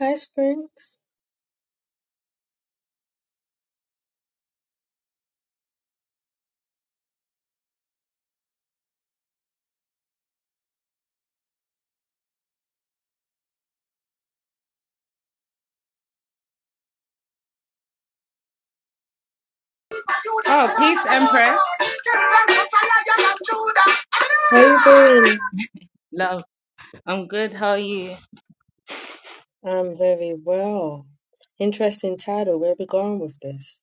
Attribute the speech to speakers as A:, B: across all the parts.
A: Hi, Springs. How you doing? I'm very well. Interesting title. Where are we going with this?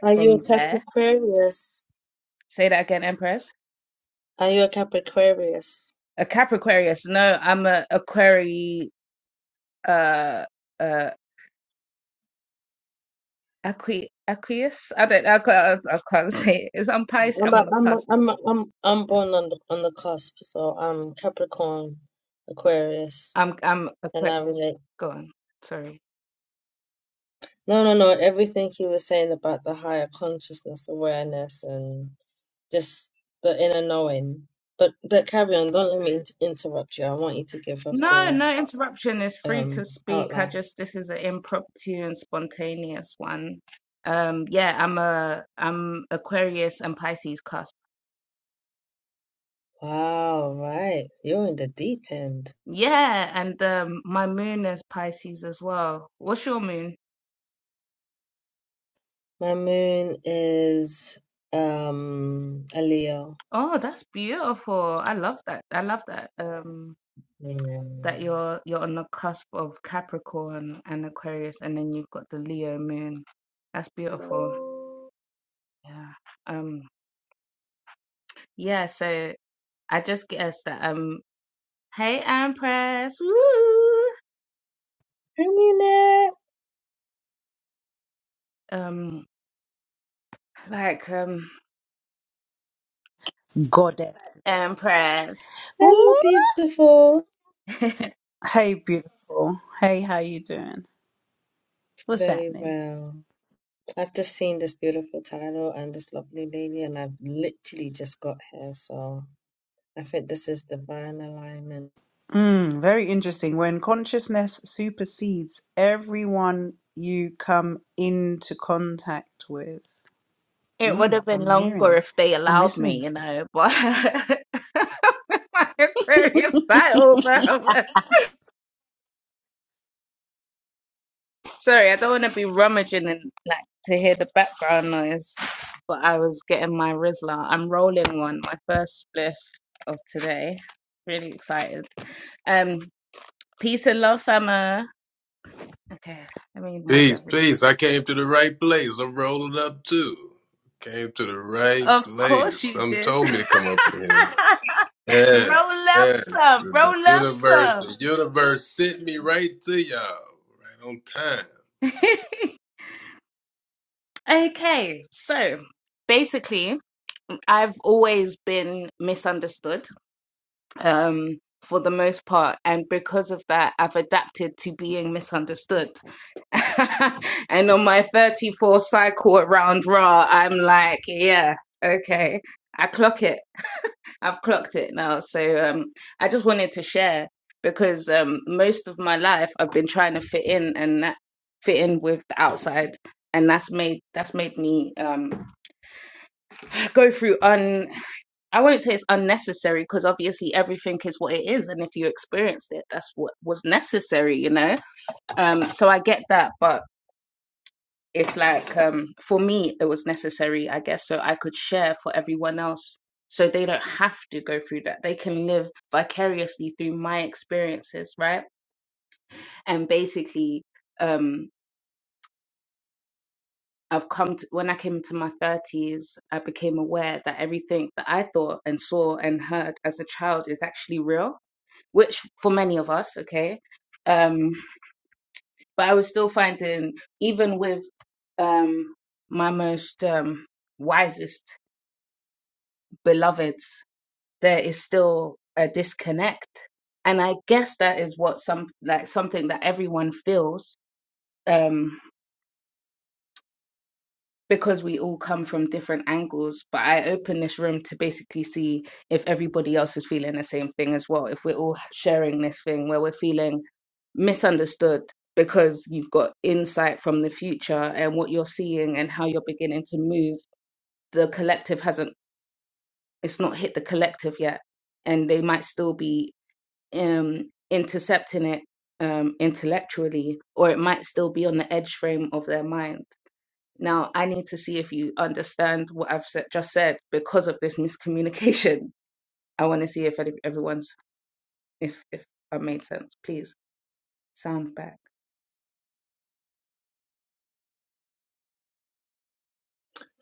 A: Are you a Capricornus? Are you a Capricornus? I'm a, I'm a, I'm a, I'm I'm born on the on the cusp, so I'm Capricorn, Aquarius, and I relate. No, no, no. Everything he was saying about the higher consciousness, awareness, and just the inner knowing. But but carry on. Don't let me in interrupt you. I want you to give a full. um outline. Wow, right. You're in the deep end. My moon is um a Leo. Mm. Hi, Mina.
B: goddesses.
A: Hello,
B: Ooh,
A: beautiful.
B: hey, beautiful. Hey, how you doing? What's
A: Very
B: happening?
A: well. I've just seen this beautiful title and this lovely lady, and I've literally just got here, so I think this is divine alignment.
B: Mm, very interesting. When consciousness supersedes everyone you come into contact with. Mm, I'm hearing. I'm listening.
C: Peace, peace. I came to the right place. I'm rolling up too. Came to the right place. Some told me to come up in here. Yes, yes. The universe, the universe sent me right to y'all, right on time.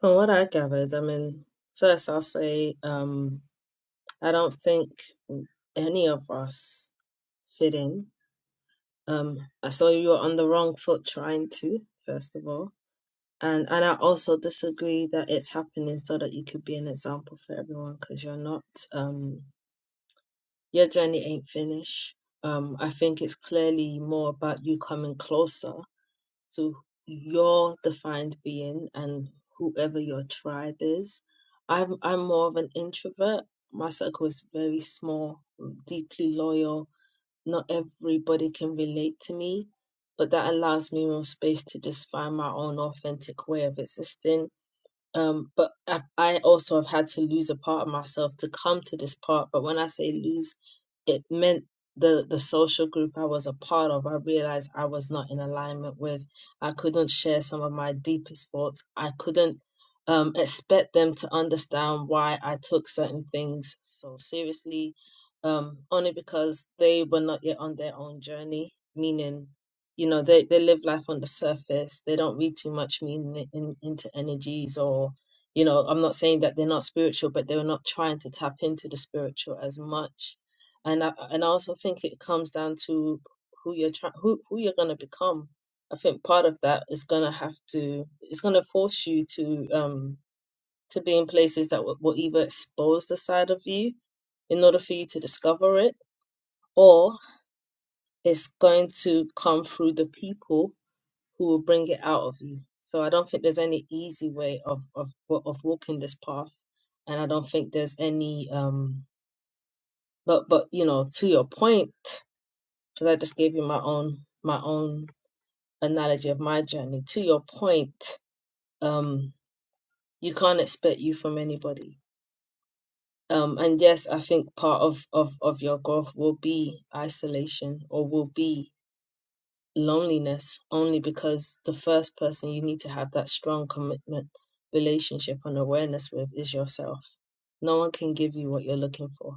A: From what I gathered, I mean, first I'll say, um, I don't think any of us fit in Um, I saw you were on the wrong foot trying to, first of all. And and I also disagree that it's happening so that you could be an example for everyone because you're not. Um, your journey ain't finished. Um, I think it's clearly more about you coming closer to your defined being and whoever your tribe is. I'm I'm more of an introvert. My circle is very small, deeply loyal, not everybody can relate to me, but that allows me more space to just find my own authentic way of existing um, but I, I also have had to lose a part of myself to come to this part. But when I say lose, it meant the the social group I was a part of. I realized I was not in alignment with. I couldn't share some of my deepest thoughts. I couldn't um, expect them to understand why I took certain things so seriously, um, only because they were not yet on their own journey. Meaning you know they, they live life on the surface they don't read too much meaning in, into energies or you know i'm not saying that they're not spiritual but they're not trying to tap into the spiritual as much and i and i also think it comes down to who you're trying who, who you're going to become i think part of that is going to have to it's going to force you to um to be in places that will, will either expose the side of you in order for you to discover it or it's going to come through the people who will bring it out of you. So I don't think there's any easy way of of wa- of walking this path, and I don't think there's any um. But but you know, to your point, because I just gave you my own my own analogy of my journey. To your point, um, you can't expect you from anybody. Um, and yes, I think part of, of, of your growth will be isolation or will be loneliness only because the first person you need to have that strong commitment, relationship, and awareness with is yourself. No one can give you what you're looking for.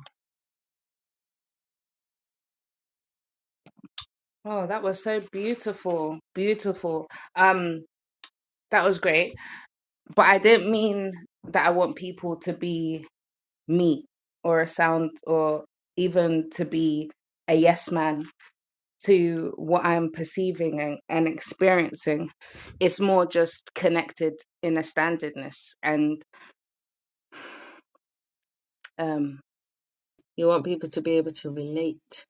A: You want people to be able to relate.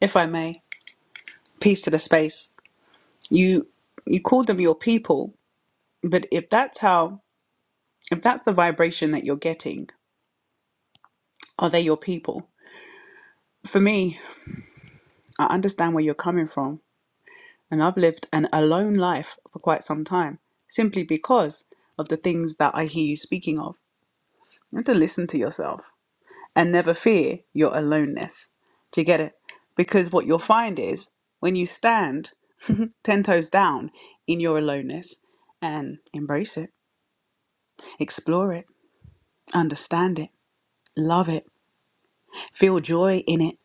B: if I may. Peace to the space. You you call them your people, but if that's how if that's the vibration that you're getting, are they your people? For me, I understand where you're coming from And I've lived an alone life for quite some time simply because of the things that I hear you speaking of. You have to listen to yourself and never fear your aloneness. Do you get it? Because what you'll find is when you stand 10 toes down in your aloneness and embrace it, explore it, understand it, love it, feel joy in it,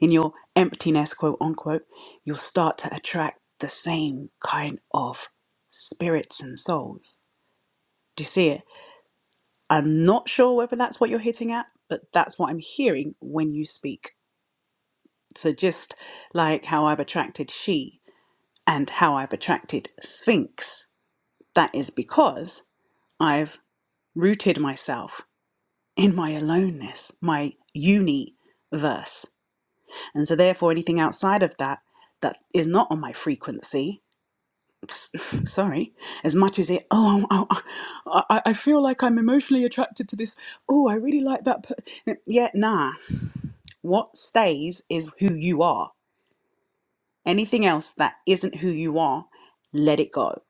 B: in your emptiness, quote unquote, you'll start to attract the same kind of spirits and souls Do you see it? I'm not sure whether that's what you're hitting at, but that's what I'm hearing when you speak. So just like how I've attracted she and how I've attracted Sphinx, that is because I've rooted myself in my aloneness, my universe. And so therefore anything outside of that that is not on my frequency s- sorry, as much as it, oh, I, I, I I feel like I'm emotionally attracted to this. Oh, I really like that. Per-. Yeah, nah. What stays is who you are. Anything else that isn't who you are, let it go.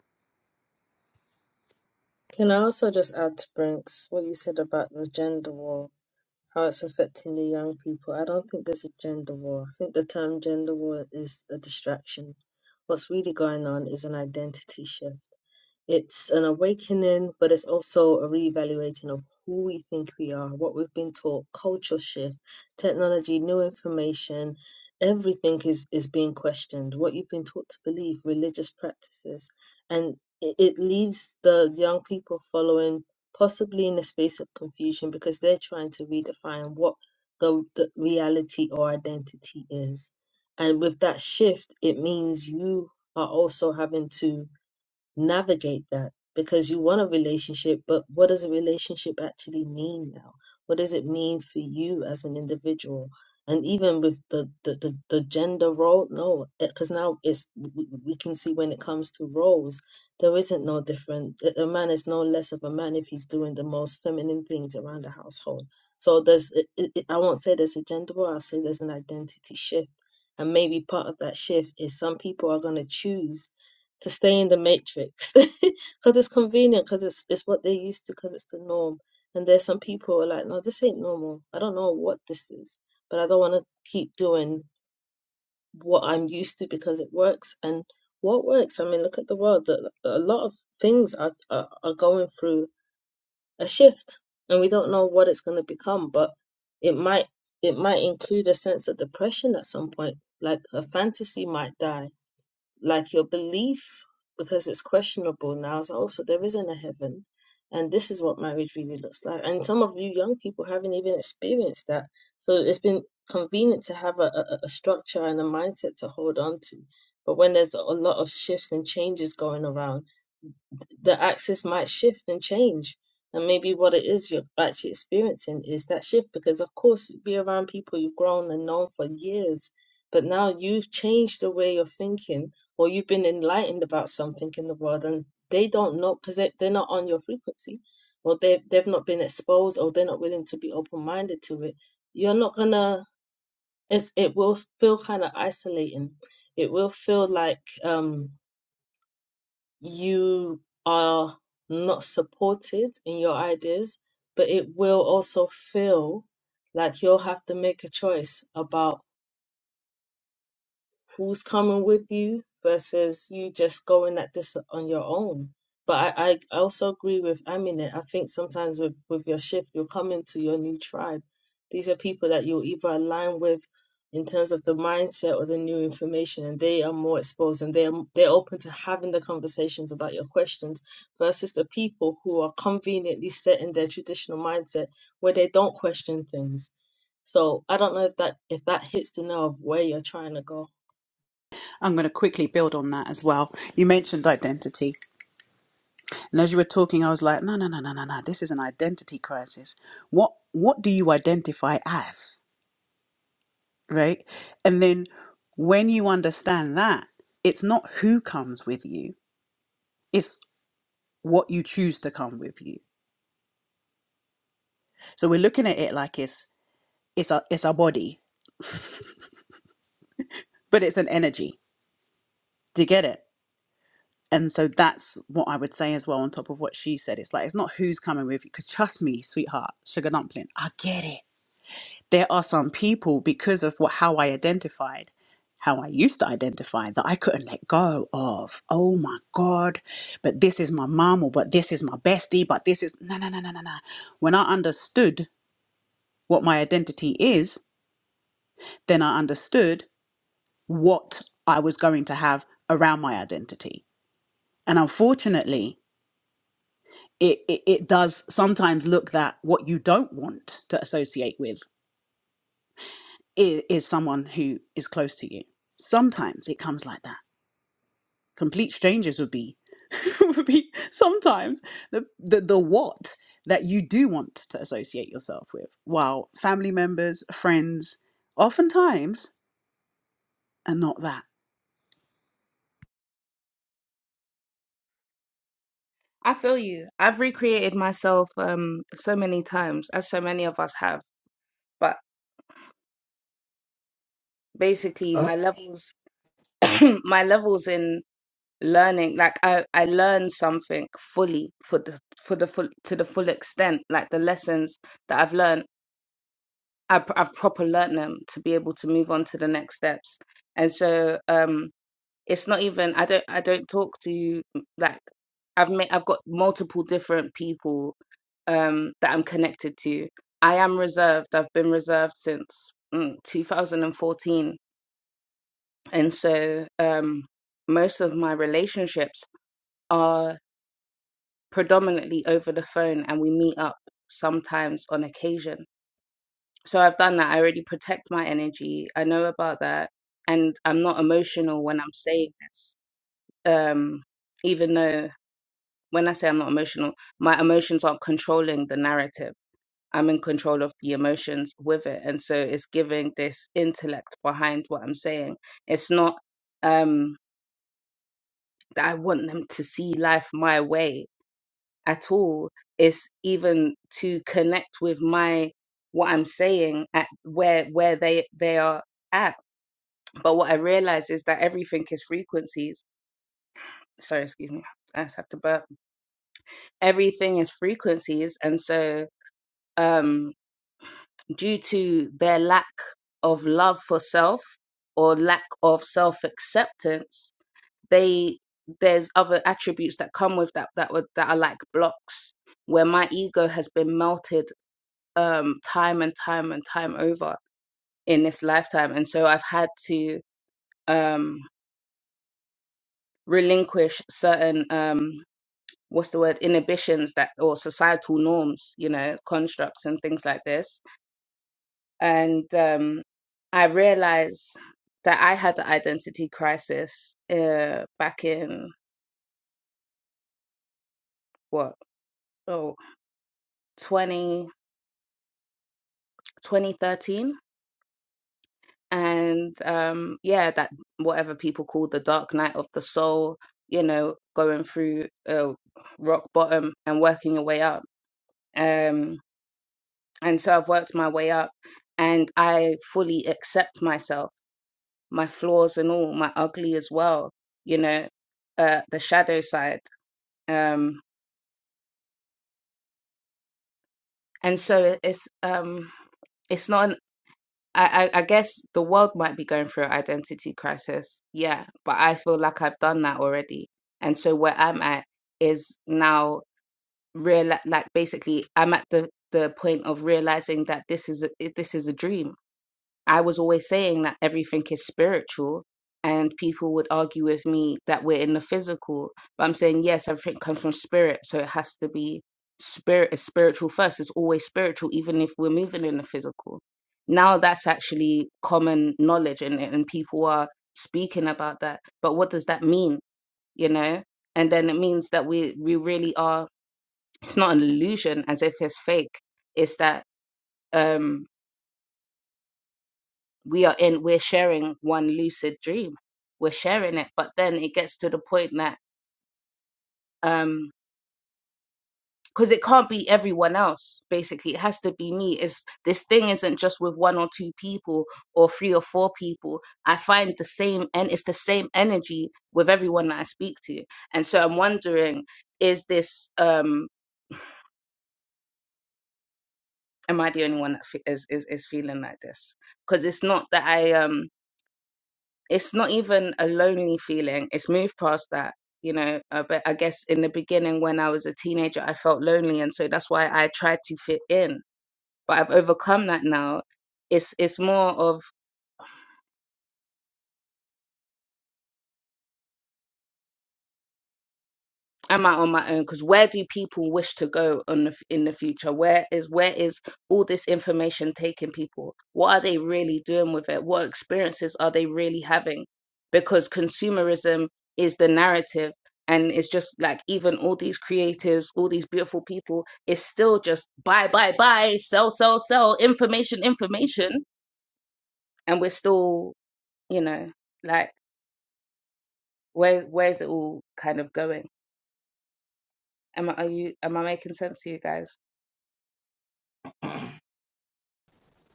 A: Can I also just add to Brinks what you said about the gender war, how it's affecting the young people? I don't think there's a gender war. I think the term gender war is a distraction. What's really going on is an identity shift It's an awakening, but it's also a reevaluating of who we think we are, what we've been taught, culture shift, technology, new information. Everything is, is being questioned. What you've been taught to believe, religious practices, and it, it leaves the young people following possibly in a space of confusion because they're trying to redefine what the, the reality or identity is. And with that shift, it means you are also having to navigate that because you want a relationship, but what does a relationship actually mean now? What does it mean for you as an individual? And even with the the, the, the gender role, no, because now it's we we can see when it comes to roles, there isn't no different. A a man is no less of a man if he's doing the most feminine things around the household. So there's, it, it, it- I won't say there's a gender role. I'll say there's an identity shift, and maybe part of that shift is some people are going to choose to stay in the matrix because it's convenient because it's it's what they're used to because it's the norm and there's some people who are like no this ain't normal i don't know what this is but i don't want to keep doing what i'm used to because it works and what works i mean look at the world that a lot of things are, are are going through a shift and we don't know what it's going to become but it might it might include a sense of depression at some point like a fantasy might die like your belief because it's questionable now is also there isn't a heaven and this is what marriage really looks like and some of you young people haven't even experienced that so it's been convenient to have a, a, a structure and a mindset to hold on to but when there's a lot of shifts and changes going around the axis might shift and change. And maybe what it is you're actually experiencing is that shift because, of course, you be around people you've grown and known for years, but now you've changed the way you're thinking or you've been enlightened about something in the world and they don't know because they, they're not on your frequency or they've, they've not been exposed or they're not willing to be open minded to it. You're not gonna, it's, it will feel kind of isolating. It will feel like, um you are not supported in your ideas, but it will also feel like you'll have to make a choice about who's coming with you versus you just going at this on your own. But I, I also agree with Aminet. I think sometimes with, with your shift, you're coming to your new tribe. These are people that you'll either align with in terms of the mindset or the new information, and they are more exposed and they're they're open to having the conversations about your questions versus the people who are conveniently set in their traditional mindset where they don't question things. So I don't know if that if that hits the nail of where you're trying to go.
B: I'm going to quickly build on that as well. You mentioned identity, and as you were talking, I was like, no, no, no, no, no, no. This is an identity crisis. What What do you identify as, right? And then when you understand that, it's not who comes with you. It's what you choose to come with you. So we're looking at it like it's it's a it's a body, but it's an energy. Do you get it? And so that's what I would say as well on top of what she said. It's like it's not who's coming with you, because trust me, sweetheart, sugar dumpling, I get it. There are some people because of what how I identified, how I used to identify that I couldn't let go of. Oh my God, but this is my mom, or but this is my bestie, but this is no no no no no no. When I understood what my identity is, then I understood what I was going to have around my identity. And unfortunately, it, it, it does sometimes look that what you don't want to associate with is, is someone who is close to you. Sometimes it comes like that. Complete strangers would be would be sometimes the, the the what that you do want to associate yourself with, while family members, friends, oftentimes are not that.
D: Uh,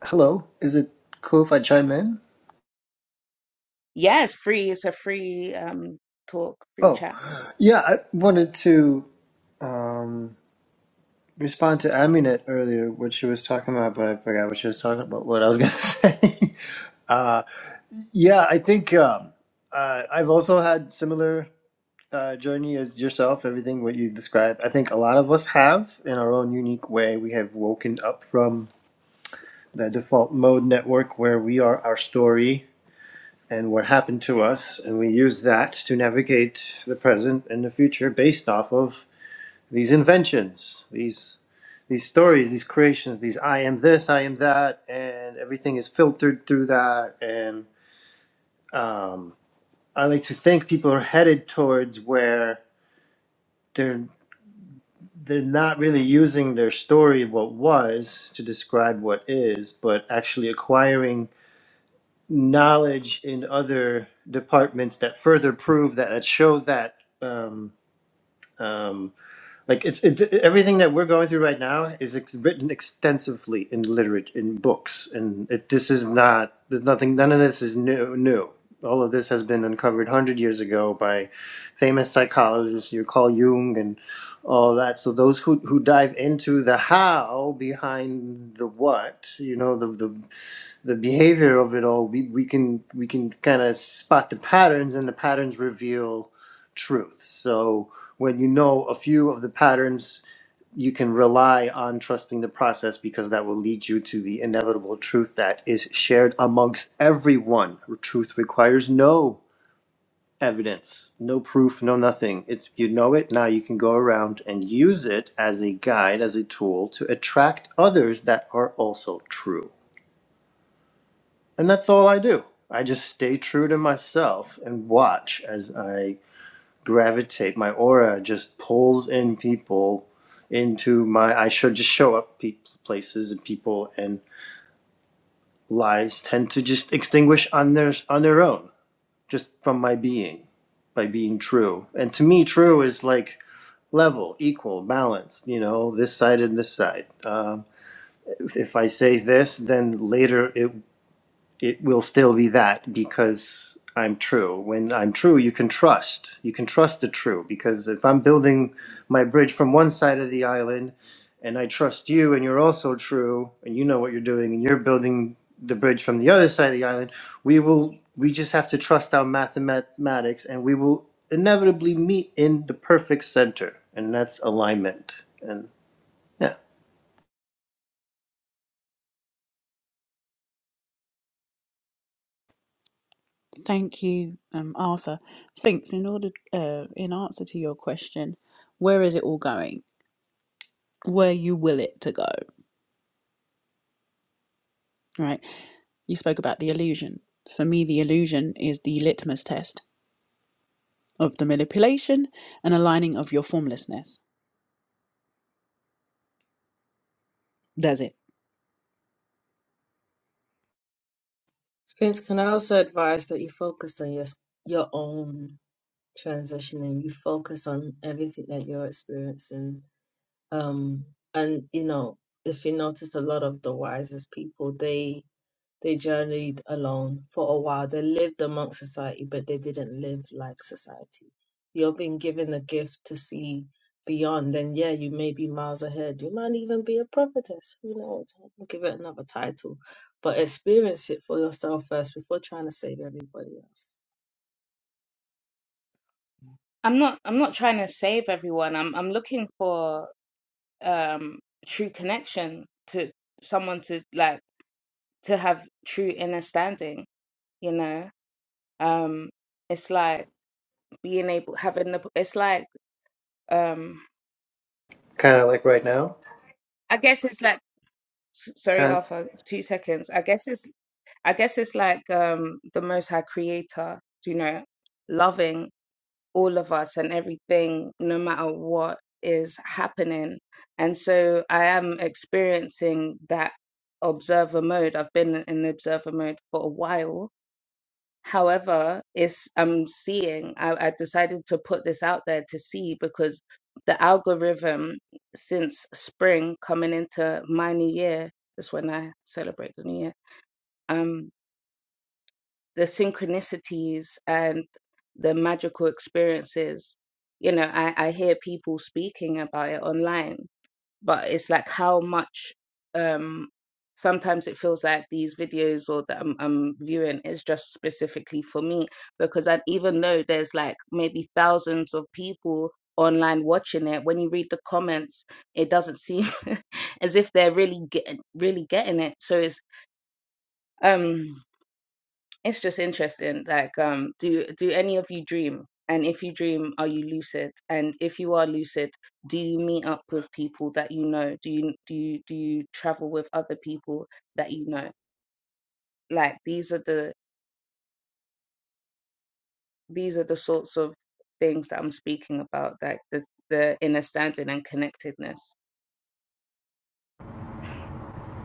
D: hello. Is it cool if I chime in? Oh, yeah. I wanted to um, respond to Aminet earlier, what she was talking about, but I forgot what she was talking about. What I was gonna say. uh, yeah, I think um, uh, I've also had similar uh, journey as yourself. Everything what you described, I think a lot of us have in our own unique way. We have woken up from the default mode network where we are our story and what happened to us, and we use that to navigate the present and the future based off of these inventions, these these stories, these creations, these I am this, I am that, and everything is filtered through that. And um, I like to think people are headed towards where they're they're not really using their story, of what was, to describe what is, but actually acquiring knowledge in other departments that further prove that that show that. Um, um, like it's it, everything that we're going through right now is ex- written extensively in literature in books and it, this is not there's nothing none of this is new new all of this has been uncovered 100 years ago by famous psychologists you call jung and all that so those who, who dive into the how behind the what you know the the, the behavior of it all, we, we can we can kind of spot the patterns, and the patterns reveal truth. So when you know a few of the patterns, you can rely on trusting the process because that will lead you to the inevitable truth that is shared amongst everyone. Truth requires no evidence, no proof, no nothing. It's you know it now. You can go around and use it as a guide, as a tool to attract others that are also true. And that's all I do. I just stay true to myself and watch as I gravitate. My aura just pulls in people into my. I should just show up pe- places and people and lies tend to just extinguish on their on their own, just from my being by being true. And to me, true is like level, equal, balanced. You know, this side and this side. Um, if if I say this, then later it it will still be that because I'm true. When I'm true, you can trust. You can trust the true because if I'm building my bridge from one side of the island and I trust you and you're also true and you know what you're doing and you're building the bridge from the other side of the island, we will we just have to trust our mathematics and we will inevitably meet in the perfect center and that's alignment. And yeah,
B: Thank you, um, Arthur. Sphinx, in order, uh, in answer to your question, where is it all going? Where you will it to go, right? You spoke about the illusion. For me, the illusion is the litmus test of the manipulation and aligning of your formlessness. That's it.
A: Students can I also advise that you focus on your your own transition and you focus on everything that you're experiencing. Um, and you know, if you notice, a lot of the wisest people they they journeyed alone for a while. They lived among society, but they didn't live like society. You're being given the gift to see beyond, and yeah, you may be miles ahead. You might even be a prophetess. Who knows? I'll give it another title. But experience it for yourself first before trying to save everybody else.
D: kind of like right now. Kind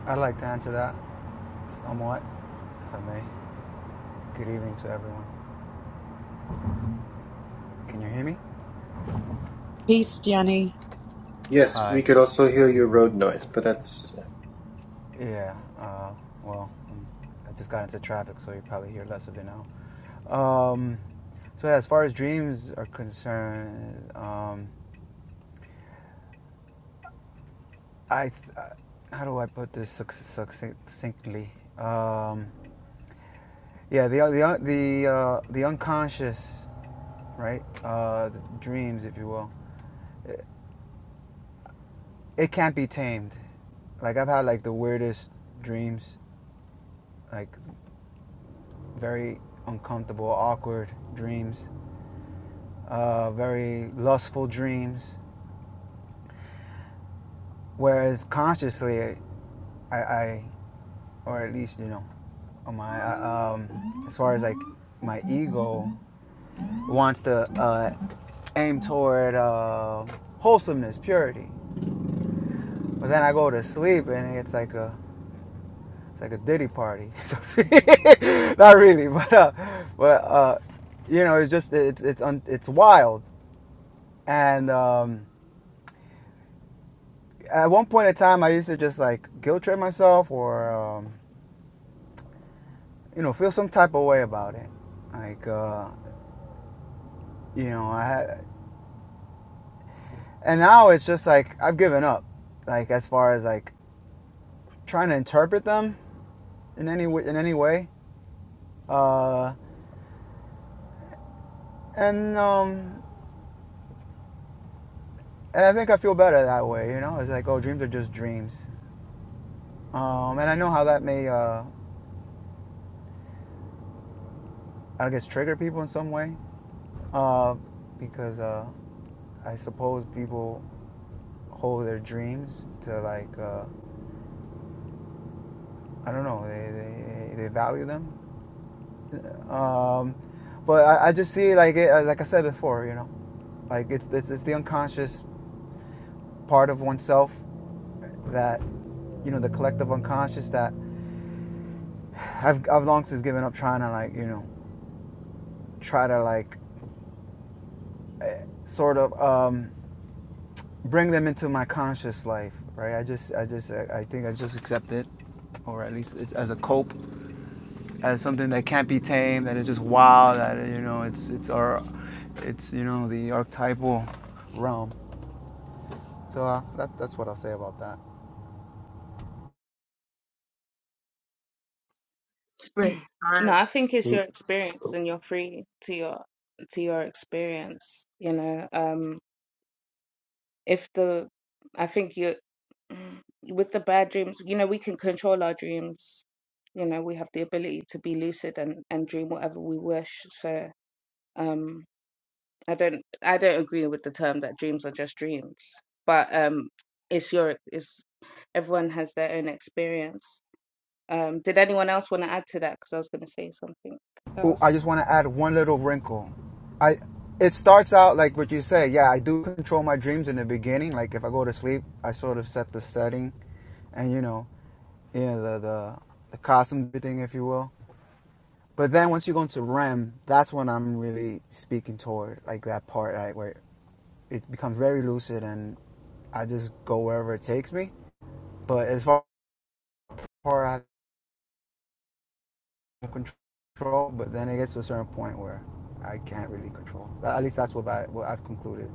E: I'd like to answer that somewhat, if I may. Good evening to everyone. Can you hear me?
B: Peace, Gianni.
D: yes, we
E: Hi.
D: could also hear your road noise, but that's
E: Yeah. Uh, well, um, I just got into traffic, so you probably hear less of it now. Um, so yeah, as far as dreams are concerned, um, I, th- uh, how do I put this succ- succinctly? Um, yeah, the the the uh, the unconscious, right? Uh, the dreams, if you will. It, it can't be tamed. Like I've had like the weirdest dreams, like very uncomfortable, awkward dreams, uh, very lustful dreams. Whereas consciously, I, I or at least you know, my uh, um, as far as like my ego wants to uh, aim toward uh, wholesomeness, purity. But then I go to sleep and it's like a It's like a ditty party. Not really, but uh, but uh, you know, it's just it's it's un, it's wild. And um, at one point in time, I used to just like guilt trip myself, or um, you know, feel some type of way about it. Like uh, you know, I had, and now it's just like I've given up. Like as far as like trying to interpret them in any in any way. Uh, and um, and I think I feel better that way. You know, it's like oh, dreams are just dreams. Um, and I know how that may, uh, I guess, trigger people in some way, uh, because uh, I suppose people hold their dreams to like, uh, I don't know, they, they, they value them. Um, but I, I just see like it, like I said before, you know, like it's, it's it's the unconscious part of oneself that, you know, the collective unconscious that I've I've long since given up trying to like, you know, try to like sort of um, bring them into my conscious life, right? I just, I just, I think I just accept it, or at least it's as a cope, as something that can't be tamed, that is just wild, that you know, it's, it's our, it's you know, the archetypal realm. So uh, that, that's what I'll say about that.
A: Sprints. I,
F: Oop, oop.
E: Oh, I just want to add one little wrinkle. I, it starts out like what you say. Yeah, I do control my dreams in the beginning. Like if I go to sleep, I sort of set the setting, and you know, yeah, the the, the costume thing, if you will. But then once you go into REM, that's when I'm really speaking toward like that part right, where it becomes very lucid and I just go wherever it takes me. But as far as I have control, but then it gets to a certain point where I can't really control. At least that's what I what I've concluded.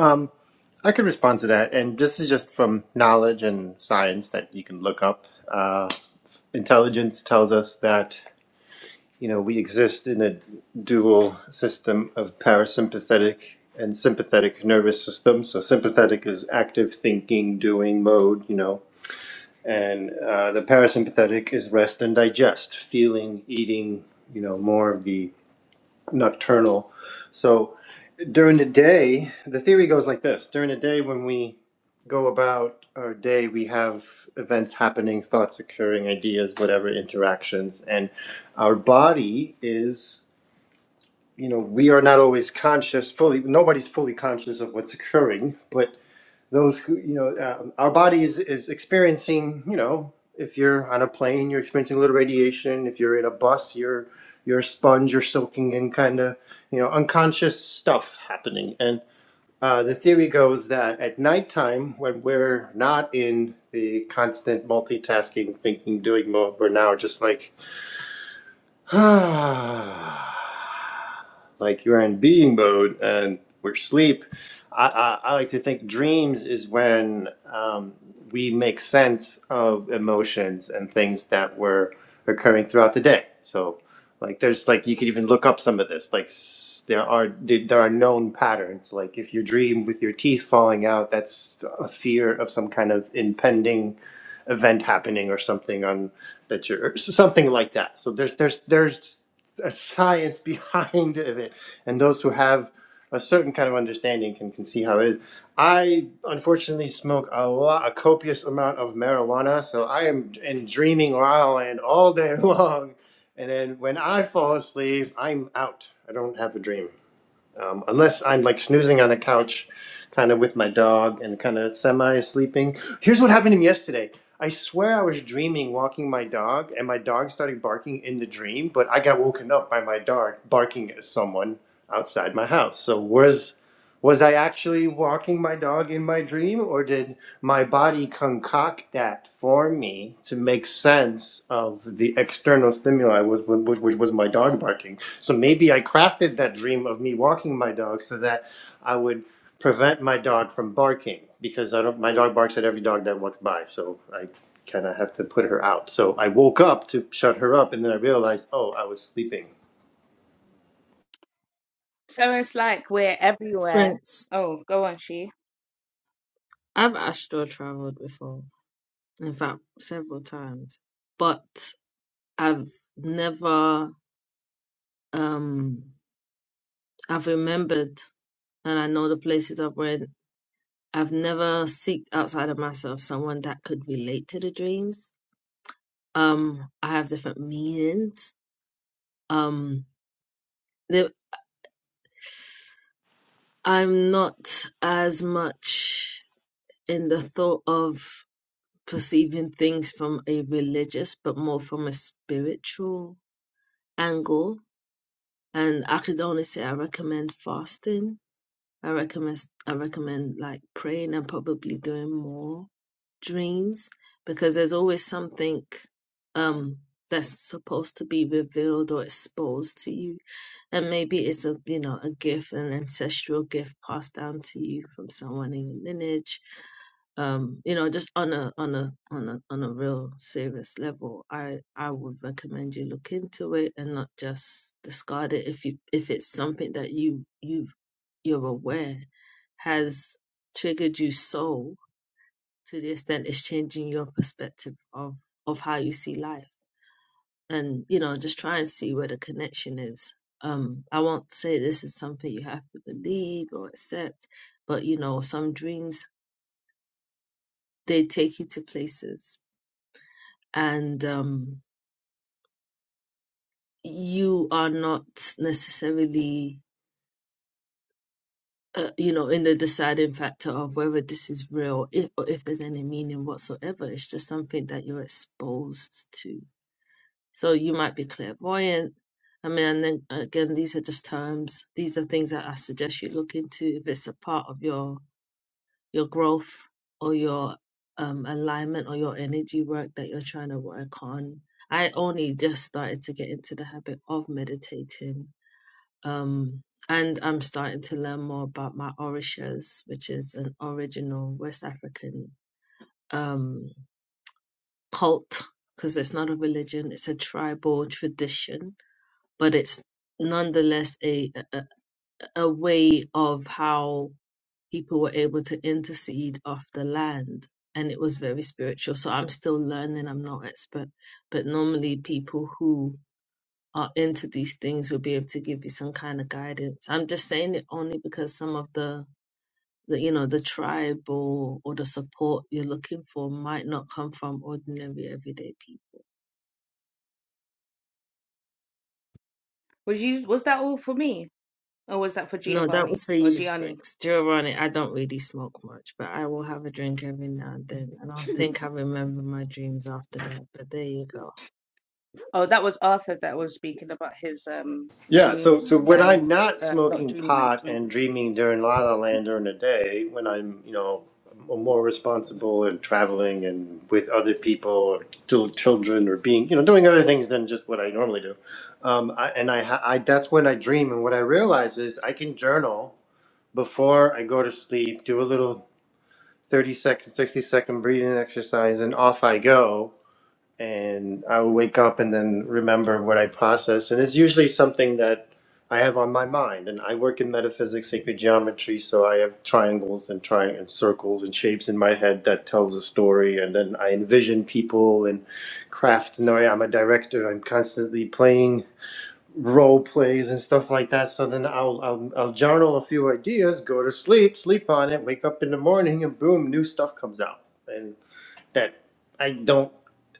D: Um, I could respond to that, and this is just from knowledge and science that you can look up. Uh, intelligence tells us that you know we exist in a dual system of parasympathetic and sympathetic nervous system. So sympathetic is active thinking, doing mode, you know, and uh, the parasympathetic is rest and digest, feeling, eating, you know, more of the nocturnal. So during the day, the theory goes like this: during the day, when we go about our day, we have events happening, thoughts occurring, ideas, whatever interactions, and our body is. You know, we are not always conscious fully. Nobody's fully conscious of what's occurring, but those who you know um, our body is, is experiencing you know if you're on a plane you're experiencing a little radiation if you're in a bus you're you're a sponge you're soaking in kind of you know unconscious stuff happening and uh, the theory goes that at nighttime when we're not in the constant multitasking thinking doing mode we're now just like ah like you're in being mode and we're sleep. I, I, I like to think dreams is when um, we make sense of emotions and things that were occurring throughout the day. So, like, there's like you could even look up some of this. Like, s- there are there are known patterns. Like, if you dream with your teeth falling out, that's a fear of some kind of impending event happening or something on that you're or something like that. So there's there's there's a science behind of it, and those who have a certain kind of understanding can, can see how it is. I unfortunately smoke a lot, a copious amount of marijuana, so I am in dreaming La La Land all day long. And then when I fall asleep, I'm out. I don't have a dream um, unless I'm like snoozing on a couch, kind of with my dog and kind of semi sleeping. Here's what happened to me yesterday. I swear I was dreaming walking my dog, and my dog started barking in the dream, but I got woken up by my dog barking at someone outside my house. So, where's was I actually walking my dog in my dream, or did my body concoct that for me to make sense of the external stimuli, was, which, which was my dog barking? So maybe I crafted that dream of me walking my dog so that I would prevent my dog from barking because I don't. My dog barks at every dog that walks by, so I kind of have to put her out. So I woke up to shut her up, and then I realized, oh, I was sleeping.
A: sprints. I've astral traveled before, in fact, several times, but I've never um I've remembered and I know the places I've read. I've never seeked outside of myself someone that could relate to the dreams. Um, I have different meanings. Um, the- I'm not as much in the thought of perceiving things from a religious, but more from a spiritual angle. And I could only say I recommend fasting I recommend I recommend like praying and probably doing more dreams because there's always something um that's supposed to be revealed or exposed to you and maybe it's a you know a gift an ancestral gift passed down to you from someone in your lineage um you know just on a on a on a on a real serious level i i would recommend you look into it and not just discard it if you if it's something that you you've you're aware has triggered you so to the extent it's changing your perspective of of how you see life and you know just try and see where the connection is um i won't say this is something you have to believe or accept but you know some dreams they take you to places and um you are not necessarily uh, you know, in the deciding factor of whether this is real, if, or if there's any meaning whatsoever. It's just something that you're exposed to. So you might be clairvoyant. I mean, and then uh, again, these are just terms. These are things that I suggest you look into if it's a part of your your growth or your um, alignment or your energy work that you're trying to work on. I only just started to get into the habit of meditating um, and I'm starting to learn more about my orishas, which is an original West African um, cult, because it's not a religion, it's a tribal tradition, but it's nonetheless a, a, a way of how people were able to intercede off the land. And it was very spiritual. So I'm still learning, I'm not expert, but normally people who Are into these things will be able to give you some kind of guidance. I'm just saying it only because some of the, the you know the tribal or the support you're looking for might not come from ordinary everyday people. No, that was for you, Spriggs. Giovanni, I don't really smoke much, but I will have a drink every now and then. I don't think I remember my dreams after that, but there you go.
D: Yeah, so so when I'm not smoking pot and dreaming during La La Land during the day, when I'm you know m- more responsible and traveling and with other people or little children or being you know doing other things than just what I normally do, um, I, and I, ha- I that's when I dream and what I realize is I can journal before I go to sleep, do a little thirty second, sixty second breathing exercise, and off I go and I will wake up and then remember what I process. And it's usually something that I have on my mind. And I work in metaphysics, sacred geometry, so I have triangles and tri- and circles and shapes in my head that tells a story. And then I envision people and craft. No, I- am a director. I'm constantly playing role plays and stuff like that. So then I'll, I'll I'll journal a few ideas, go to sleep, sleep on it, wake up in the morning, and boom, new stuff comes out. And that I don't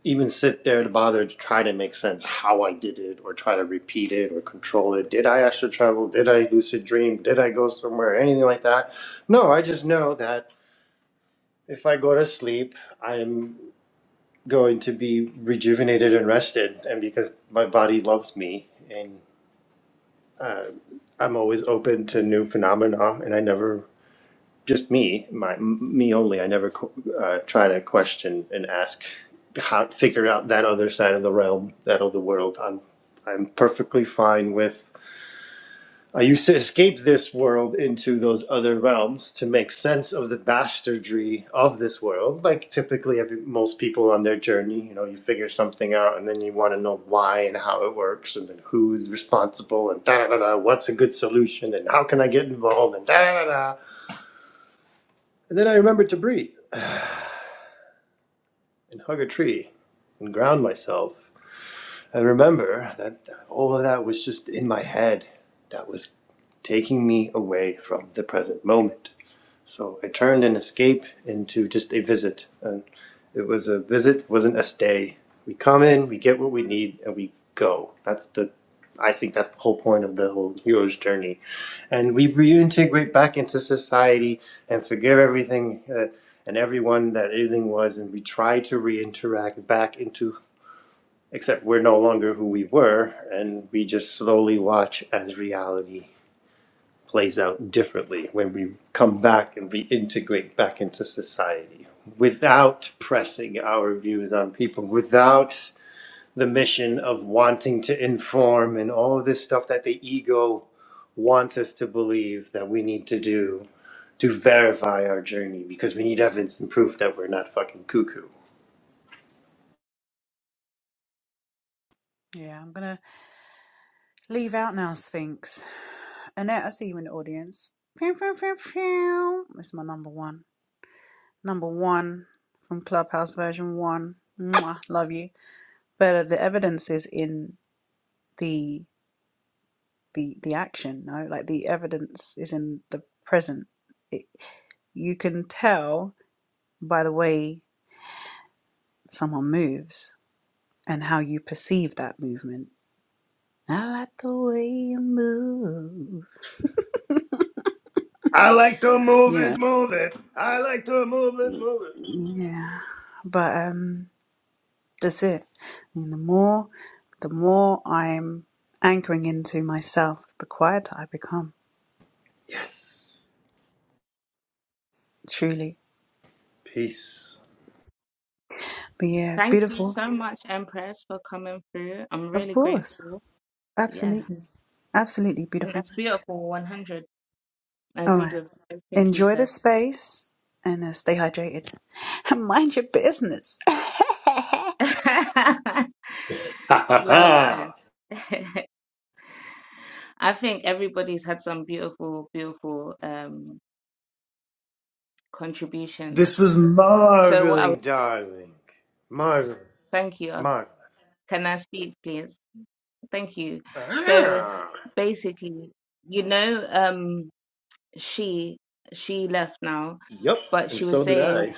D: even sit there to bother to try to make sense how I did it or try to repeat it or control it. Did I astral travel? Did I lucid dream? Did I go somewhere? Anything like that? No, I just know that if I go to sleep, I'm going to be rejuvenated and rested, and because my body loves me and I'm always open to new phenomena, and I never just me, my me only. I never uh, try to question and ask how figure out that other side of the realm, that other world. I'm I'm perfectly fine with. I used to escape this world into those other realms to make sense of the bastardry of this world. Like typically, every, most people on their journey, you know, you figure something out and then you want to know why and how it works and then who's responsible and da da da da. What's a good solution and how can I get involved and da da da da. And then I remembered to breathe. and hug a tree and ground myself and remember that all of that was just in my head. That was taking me away from the present moment. So I turned an escape into just a visit. And it was a visit, wasn't a stay. We come in, we get what we need, and we go. That's the I think that's the whole point of the whole hero's journey. And we reintegrate back into society and forgive everything uh, and everyone that everything was, and we try to reinteract back into, except we're no longer who we were, and we just slowly watch as reality plays out differently when we come back and reintegrate back into society without pressing our views on people, without the mission of wanting to inform and all this stuff that the ego wants us to believe that we need to do to verify our journey because we need evidence and proof that we're not fucking cuckoo.
B: Yeah, I'm gonna leave out now, Sphinx. Annette, I see you in the audience. Pew, pew, pew, pew. This is my number one. Number one from Clubhouse version one. Mwah, love you. But uh, the evidence is in the the the action, no? Like the evidence is in the present. It, you can tell by the way someone moves and how you perceive that movement. I like the way you move.
D: I like to
B: You
D: move
B: know.
D: it, move it. I like to move it, move it.
B: Yeah. But um that's it. I mean, the more the more I'm anchoring into myself, the quieter I become,
D: Yes.
B: truly.
D: Peace.
B: But yeah, beautiful. Of course. Absolutely. Absolutely beautiful. All right. Enjoy the space and uh, stay hydrated. And mind your business.
D: Ha ha ha! This was marveling, darling. Marvelous. Marvelous. Ah. Yep, and so did I.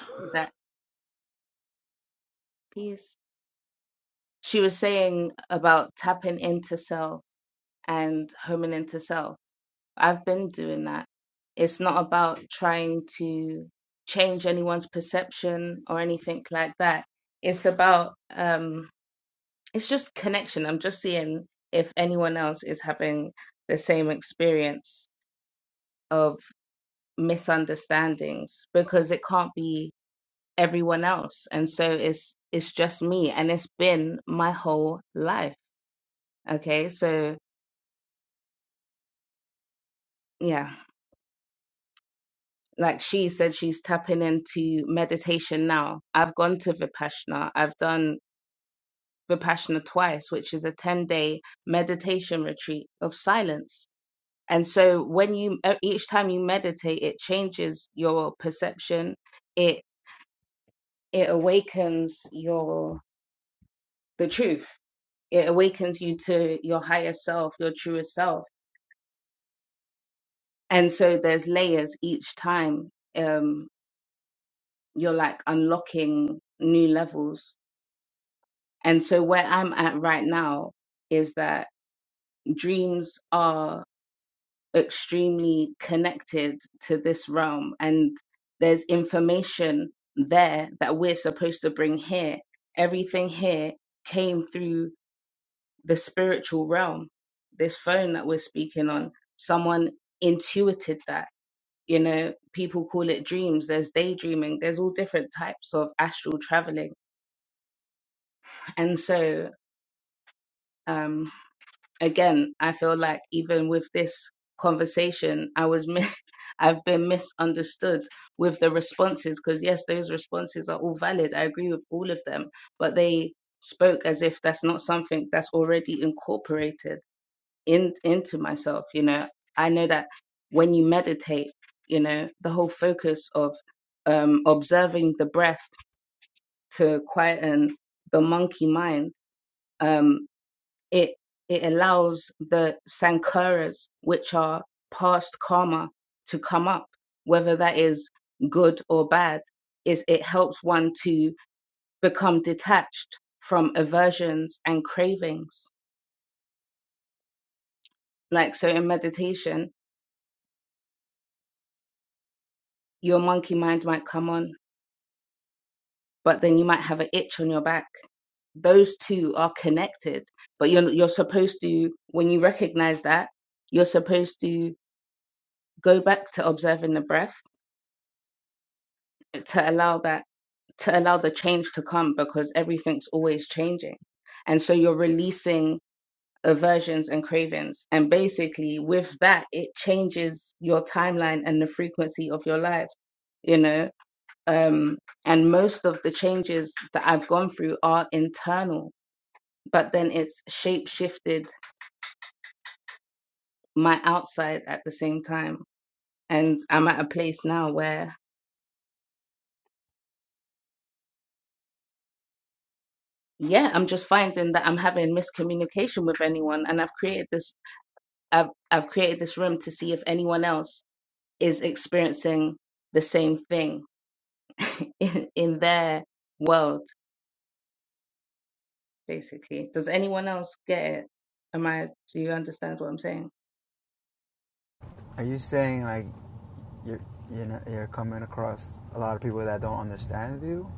E: Are you saying like you're you're, not, you're coming across a lot of people that don't understand you?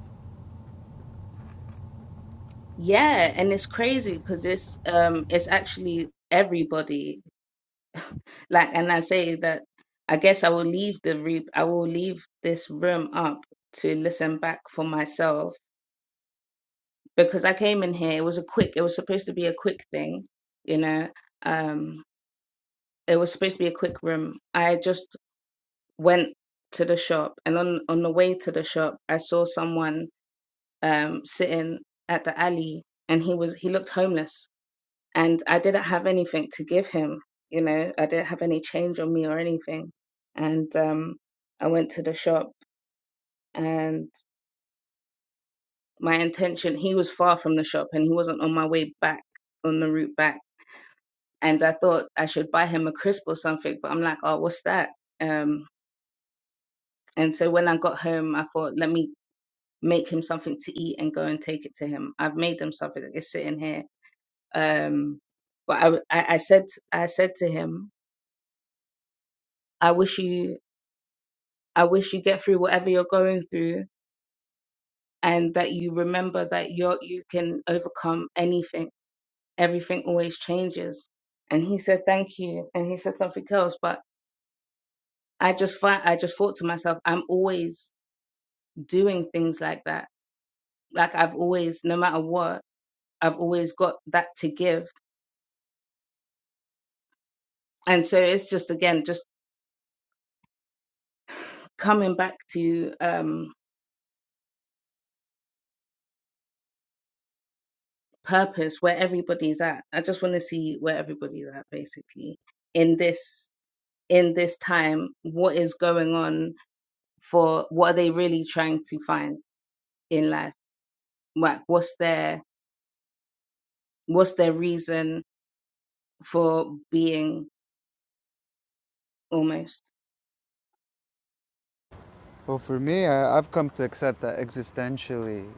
E: Well, for me, I, I've come to accept that existentially,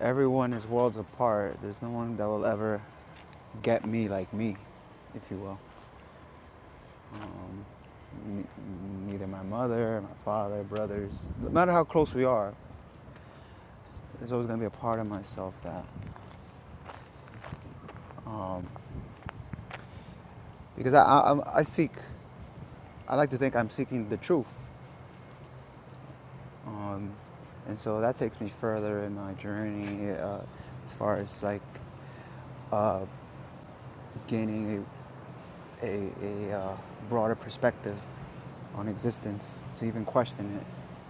E: Everyone is worlds apart. There's no one that will ever get me like me, if you will. Um, neither my mother, my father, brothers. No matter how close we are, there's always going to be a part of myself that, um, because I, I, I seek, I like to think I'm seeking the truth. Um, and so that takes me further in my journey uh, as far as like uh, gaining a, a, a uh, broader perspective on existence to even question it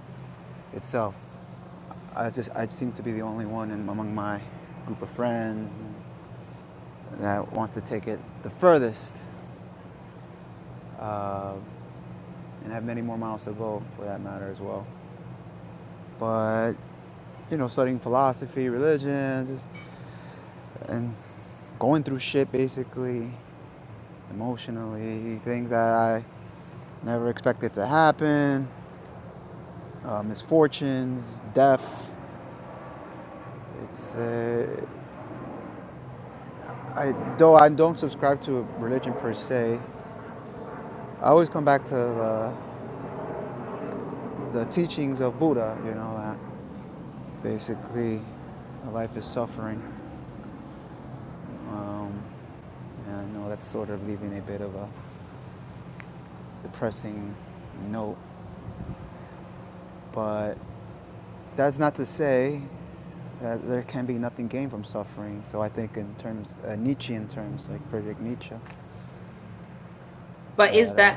E: itself. I just I seem to be the only one in, among my group of friends that wants to take it the furthest, uh, and have many more miles to go for that matter as well. But you know, studying philosophy, religion, just and going through shit basically, emotionally, things that I never expected to happen, uh, misfortunes, death. It's uh, I though I don't subscribe to religion per se. I always come back to the, the teachings of Buddha. You know that basically life is suffering. Um, and I know that's sort of leaving a bit of a depressing note, but That's not to say that there can be nothing gained from suffering. So I think in terms, uh, Nietzschean terms, like Friedrich Nietzsche, that uh,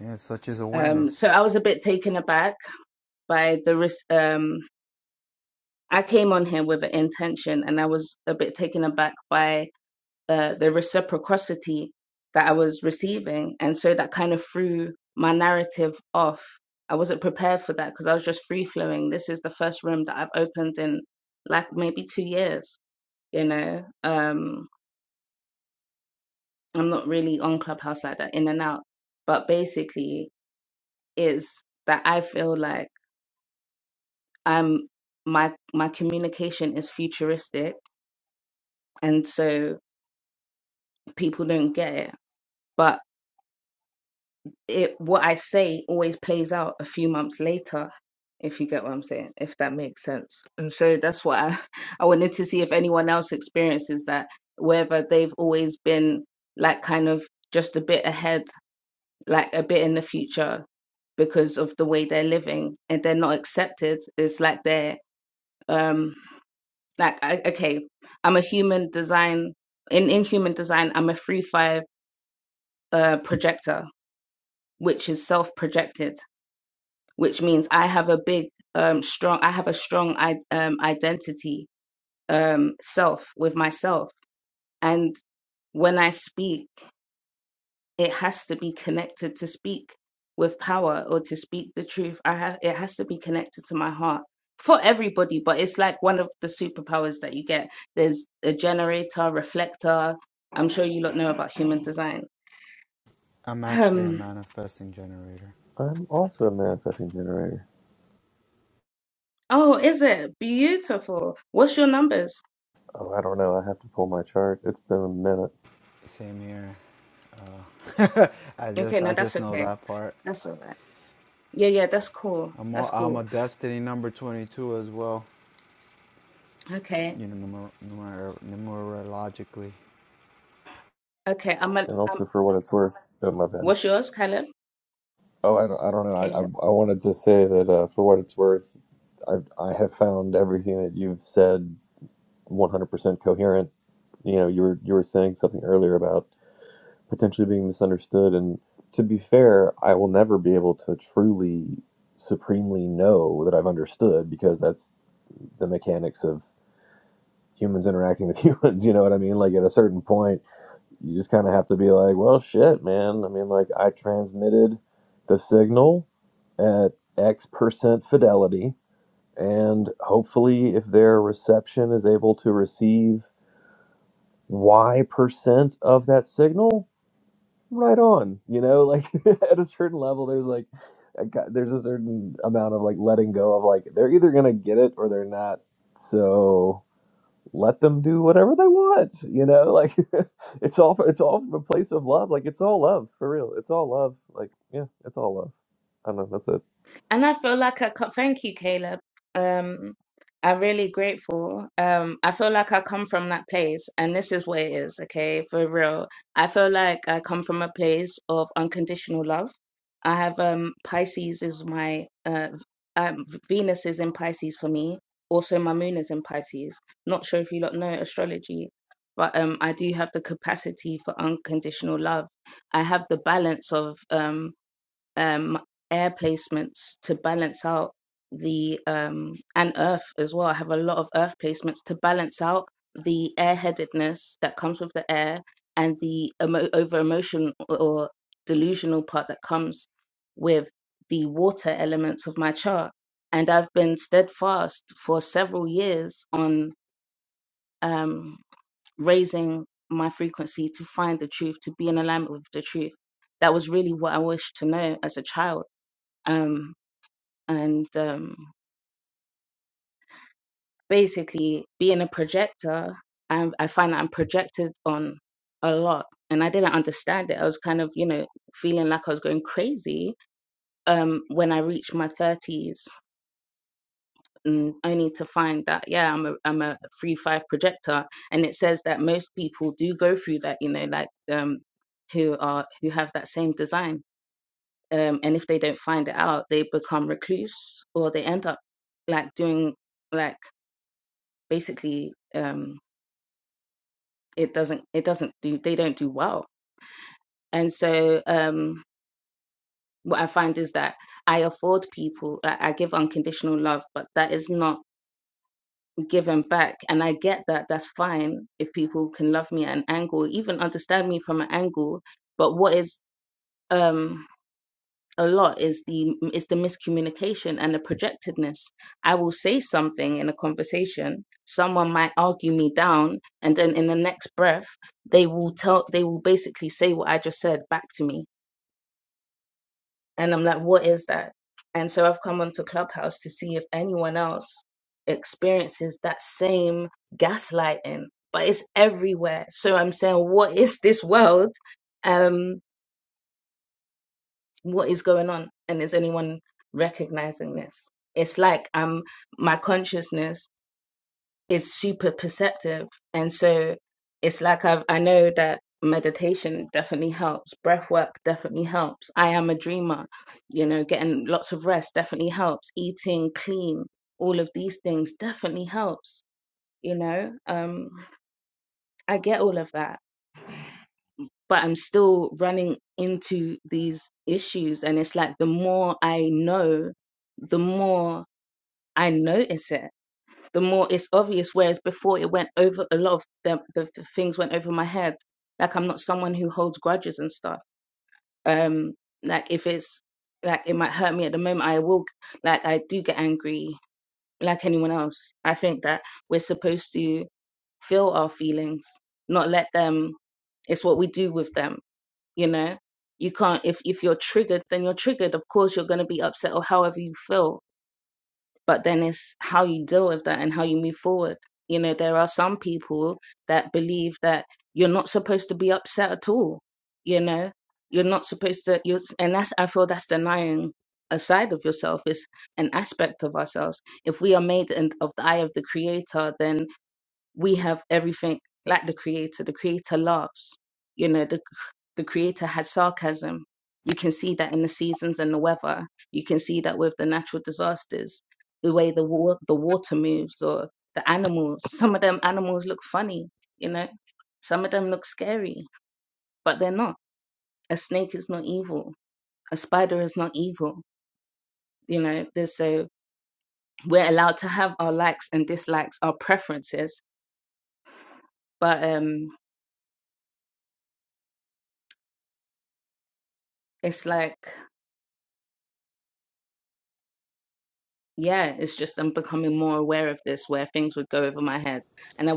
E: yeah, such is awareness. I'm actually a manifesting generator.
F: I'm also a manifesting generator. Oh, I don't know. I have to pull my chart. It's been a minute.
E: Same here. Uh, I just I just know that part. I'm a, I'm a destiny number 22 as well. You know, numer- numer- numerologically,
F: And also, for what it's worth, oh my bad. Oh, I don't, I don't know. I, I, I wanted to say that uh, for what it's worth, I I have found everything that you've said 100% coherent. You know, you were you were saying something earlier about potentially being misunderstood, and to be fair, I will never be able to truly supremely know that I've understood because that's the mechanics of humans interacting with humans. You know what I mean? Like at a certain point, you just kind of have to be like, well, shit, man. I mean, like I transmitted the signal at X percent fidelity, and hopefully, if their reception is able to receive Y percent of that signal, right on. You know, like at a certain level, there's like. I got- There's a certain amount of like letting go of like they're either gonna get it or they're not. So let them do whatever they want you know like it's all it's all from a place of love like it's all love for real it's all love like yeah it's all love i don't know that's it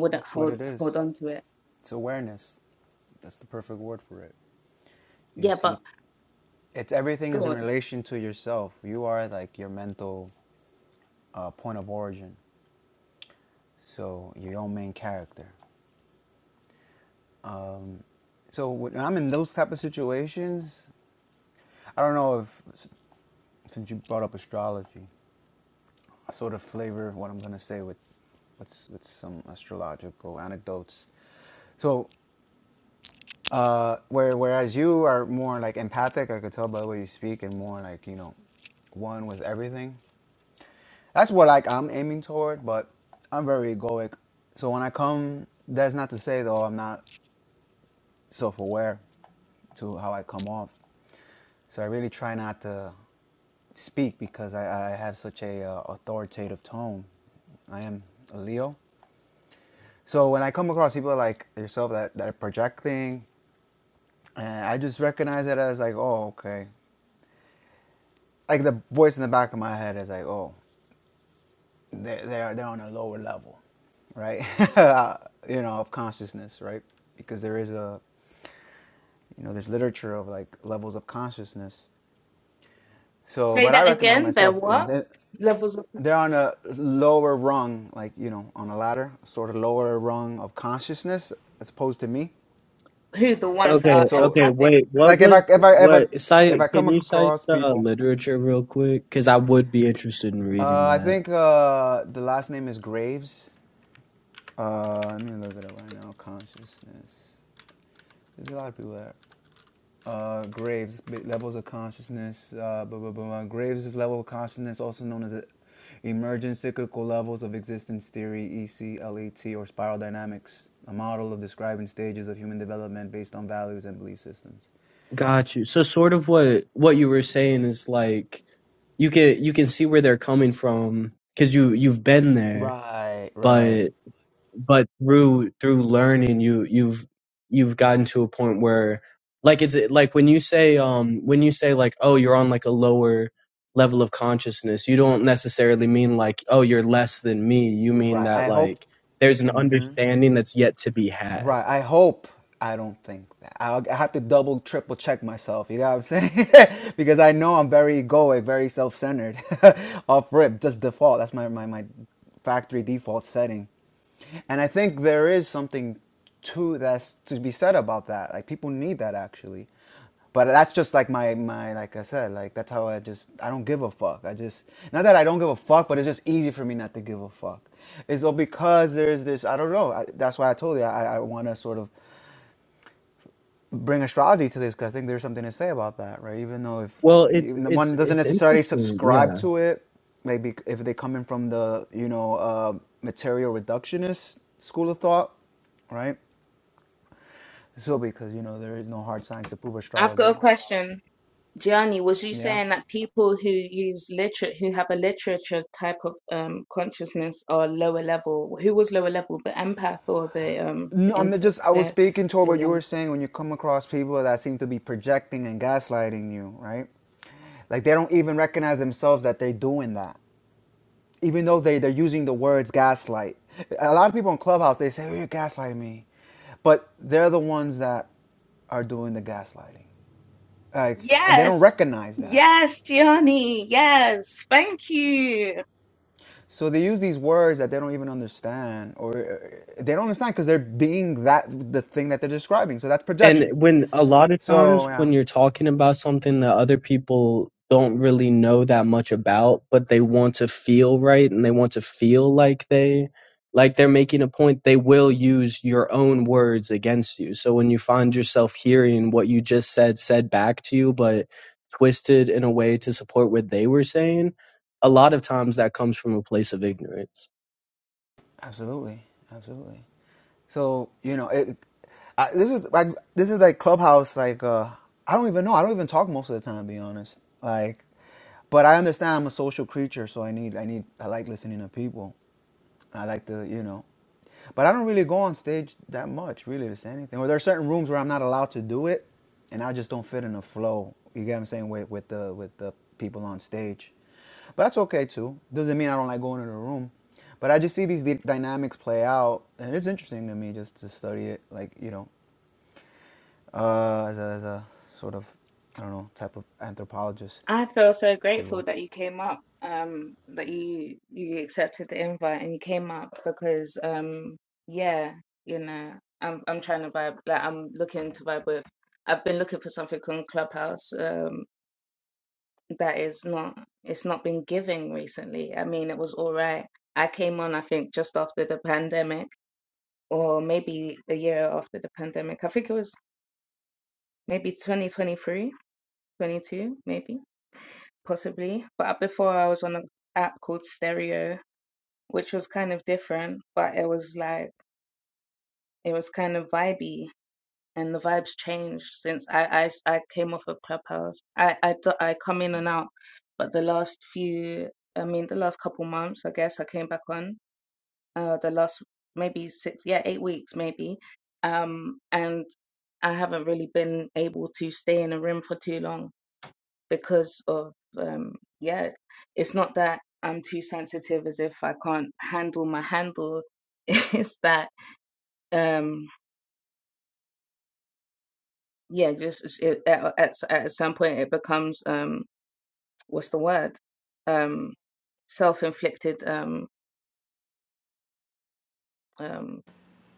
E: that's what it is. It's awareness. That's the perfect word for it. You see It's everything is in relation to yourself. You are like your mental uh, point of origin, so your own main character. Um, so when I'm in those type of situations, I don't know if since you brought up astrology, I sort of flavor what I'm gonna say with with, with some astrological anecdotes. So, uh, where, whereas you are more like empathic, I could tell by the way you speak, and more like you know, one with everything. That's what like I'm aiming toward, but I'm very egoic. So when I come, that's not to say though I'm not self-aware to how I come off. So I really try not to speak because I, I have such a uh, authoritative tone. I am a Leo. So when I come across people like yourself that, that are projecting, and I just recognize it as like, oh, okay. Like the voice in the back of my head is like, oh. they're, they're, they're on a lower level, right? you know, of consciousness, right? Because there is a, you know, there's literature of like levels of consciousness. So, but I recognize myself, that they're on a lower rung, like, you know, on a ladder, sort of lower rung of consciousness as opposed to me.
G: Okay,
E: So,
G: okay, wait. What
E: like if I,
G: was
E: if I, if I,
G: what?
E: if
G: Cite?
E: I come
G: Can you cite
E: across
G: the uh,
E: people,
G: literature real quick? Because I would be interested in reading
E: uh, I
G: that.
E: think uh, the last name is Graves. Uh, let me look it up right now. Consciousness. There's a lot of people that. Uh, Graves, levels of consciousness. Uh, blah, blah, blah, blah. Graves is level of consciousness, also known as emergent cyclical levels of existence theory, ECLET, or spiral dynamics, a model of describing stages of human development based on values and belief systems.
G: Got you. So sort of what what you were saying is like you can you can see where they're coming from because you you've been there,
E: Right, right,
G: but. but through through learning you you've you've gotten to a point where like it's like when you say um when you say like oh you're on like a lower level of consciousness you don't necessarily mean like oh you're less than me you mean
E: right. I
G: that
E: hope
G: like there's an understanding that's yet to be had
E: Right. I hope I don't think that. i I have to double, triple check myself. You know what I'm saying? because I know I'm very egoic, very self centered, off rip, just default. That's my, my, my factory default setting. And I think there is something to that's to be said about that. Like people need that actually. But that's just like my my like I said, like that's how I just I don't give a fuck. I just not that I don't give a fuck, but it's just easy for me not to give a fuck. It's all because there's this I don't know. I, that's why I told you I, I want to sort of bring astrology to this because I think there's something to say about that, right? Even though if,
G: well
E: if
G: it's
E: even
G: it's
E: one doesn't
G: it's
E: necessarily
G: interesting yeah
E: subscribe to it, like bec- if they come in from the you know uh, material reductionist school of thought, right? So because you know there is no hard science to prove astrology. Yeah. No, I'm just. I was speaking to what you were saying when you come across people that seem to be projecting and gaslighting you, right? Like they don't even recognize themselves that they're doing that, even though they they're using the words gaslight. A lot of people in Clubhouse they say, "Oh, you're gaslighting me," but they're the ones that are doing the gaslighting, like, and they don't recognize that. So they use these words that they don't even understand, or uh, they don't understand because they're being that the thing that they're describing. So that's
G: And
E: projection.
G: when a lot of times
E: So yeah.
G: when you're talking about something that other people don't really know that much about, but they want to feel right and they want to feel like they like they're making a point, they will use your own words against you. So when you find yourself hearing what you just said said back to you but twisted in a way to support what they were saying, a lot of times that comes from a place of ignorance.
E: Absolutely, absolutely. So you know, it, I, this is like this is like clubhouse. Like uh, I don't even know. I don't even talk most of the time, to be honest. Like, but I understand I'm a social creature, so I need I need I like listening to people. I like to, you know. But I don't really go on stage that much, really, to say anything. Or there are certain rooms where I'm not allowed to do it, and I just don't fit in the flow. You get what I'm saying with with the with the people on stage. But that's okay too. Doesn't mean I don't like going in the room. But I just see these dynamics play out, and it's interesting to me just to study it, like you know, uh, as a, as a sort of, I don't know, type of anthropologist, if you will.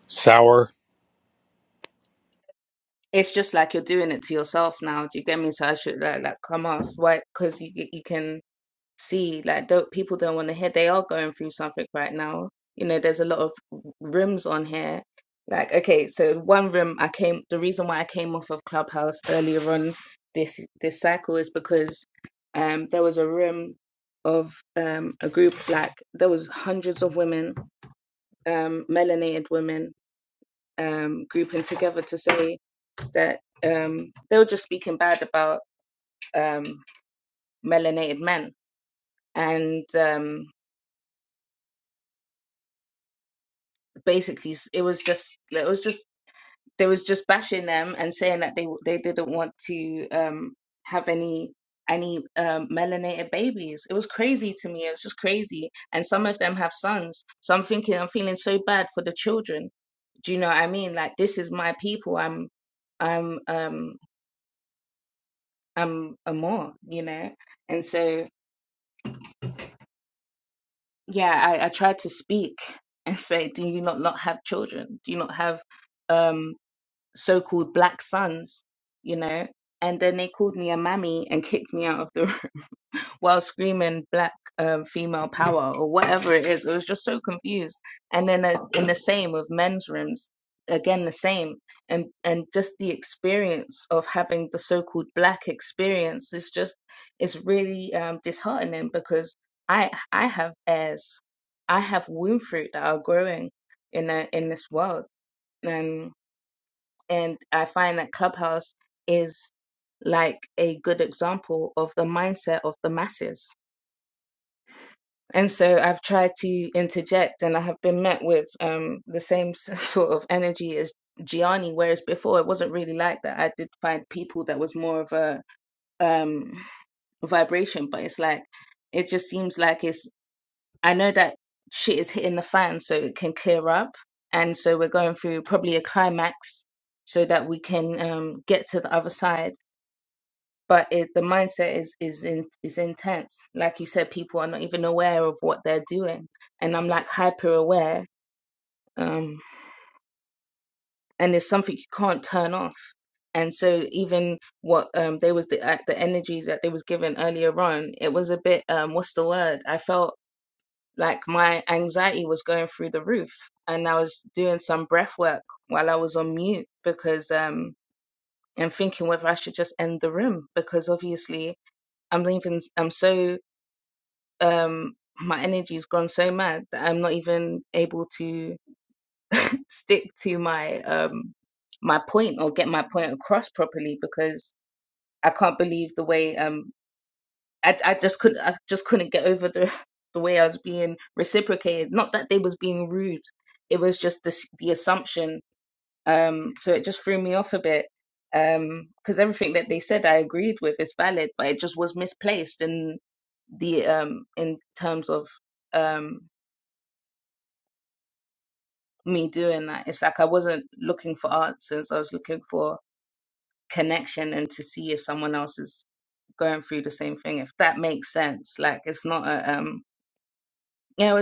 H: sour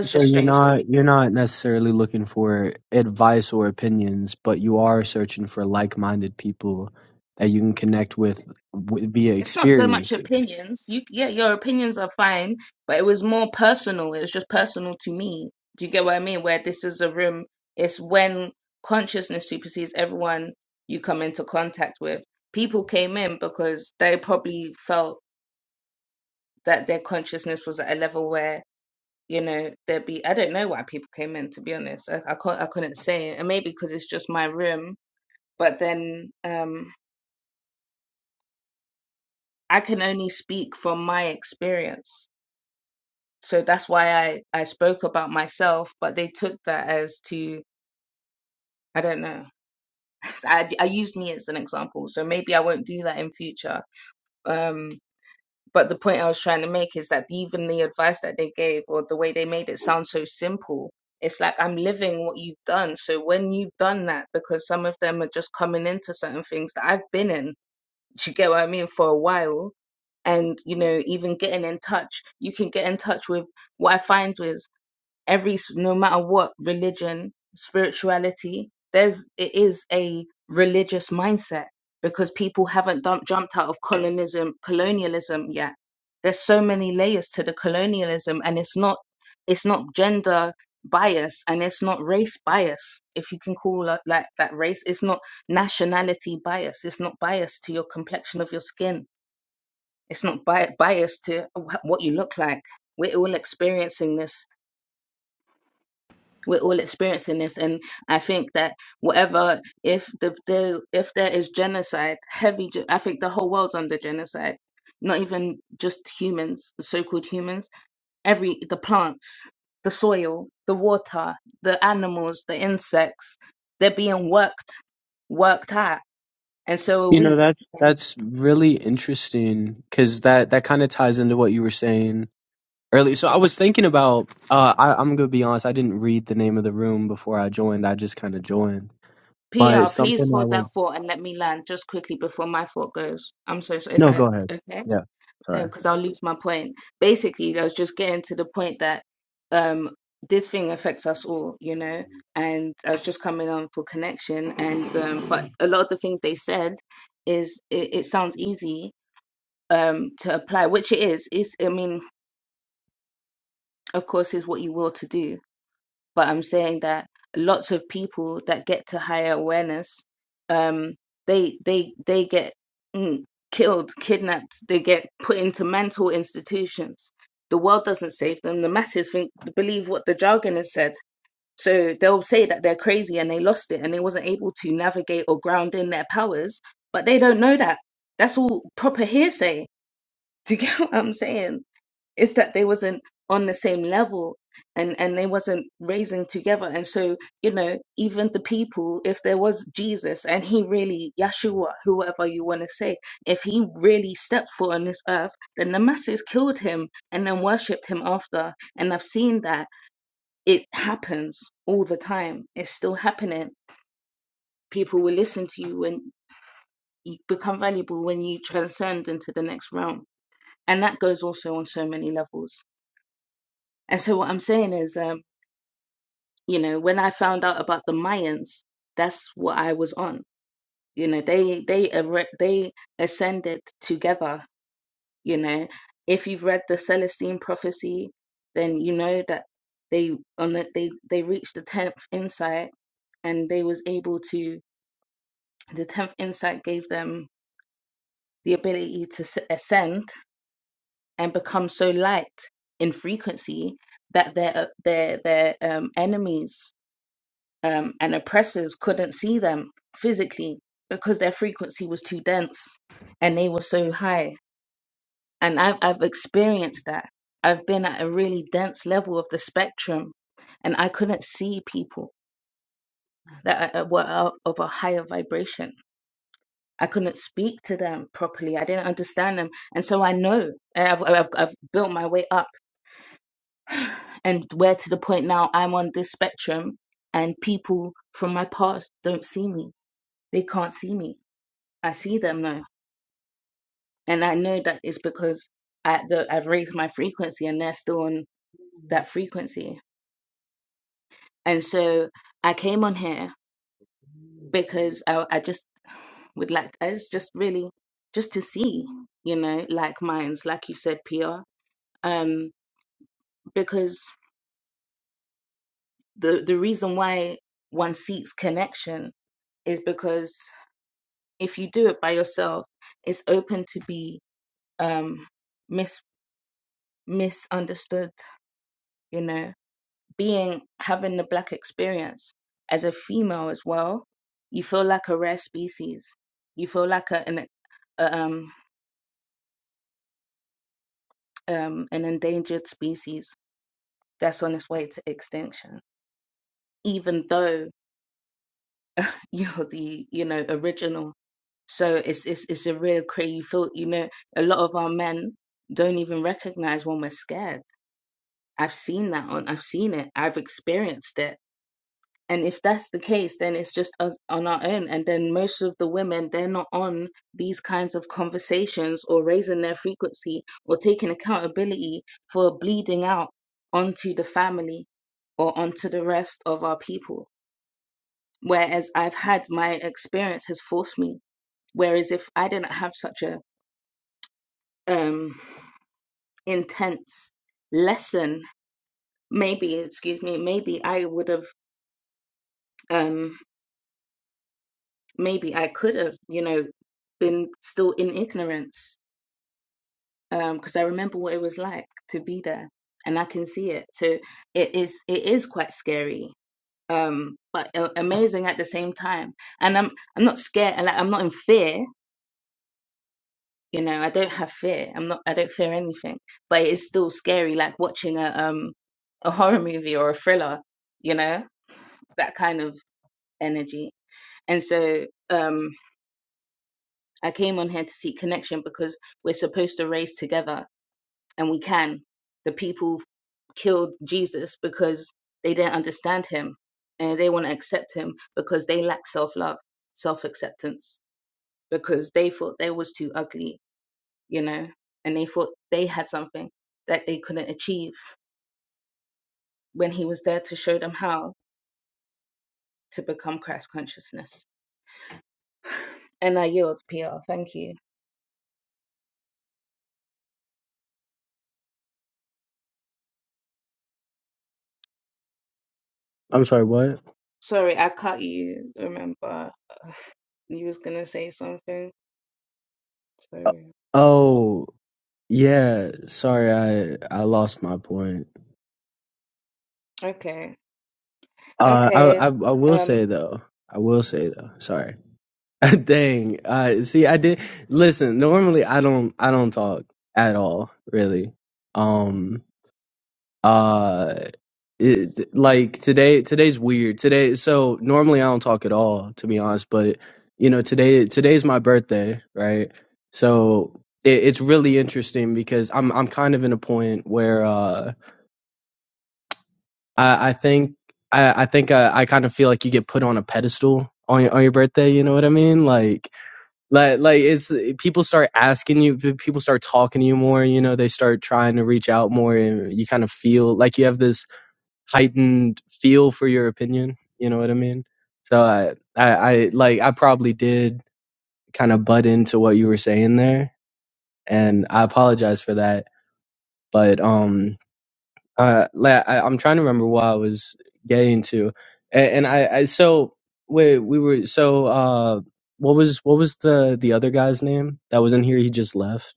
G: So you're not you're not necessarily looking for advice or opinions, but you are searching for like-minded people that you can connect with, w via experiences. You know, that's that's really interesting because that that kind of ties into what you were saying earlier. So I was thinking about uh, I, I'm gonna be honest, I didn't read the name of the room before I joined. I just kind of joined, but something I would no, go ahead. Yeah, sorry. I'm sorry. What? Oh. Yeah, sorry, I I lost my point. Uh, I I, I will say though, I will say though, sorry. Dang, uh, see, I did listen. Normally, I don't I don't talk at all, really. Um, uh, it, like today today's weird today. So normally I don't talk at all, to be honest. But you know, today today's my birthday, right? So it, it's really interesting because I'm I'm kind of in a point where. uh I, I think I, I think I, I kind of feel like you get put on a pedestal on your, on your birthday. You know what I mean? Like like like it's people start asking you, people start talking to you more. You know, they start trying to reach out more, and you kind of feel like you have this heightened feel for your opinion. You know what I mean? So I I, I like I probably did kind of butt into what you were saying there, and I apologize for that. But um, uh la I, i'm trying to remember what i was getting to and, and i i so wait we were so uh what was what was the the other guy's name that was in here he just left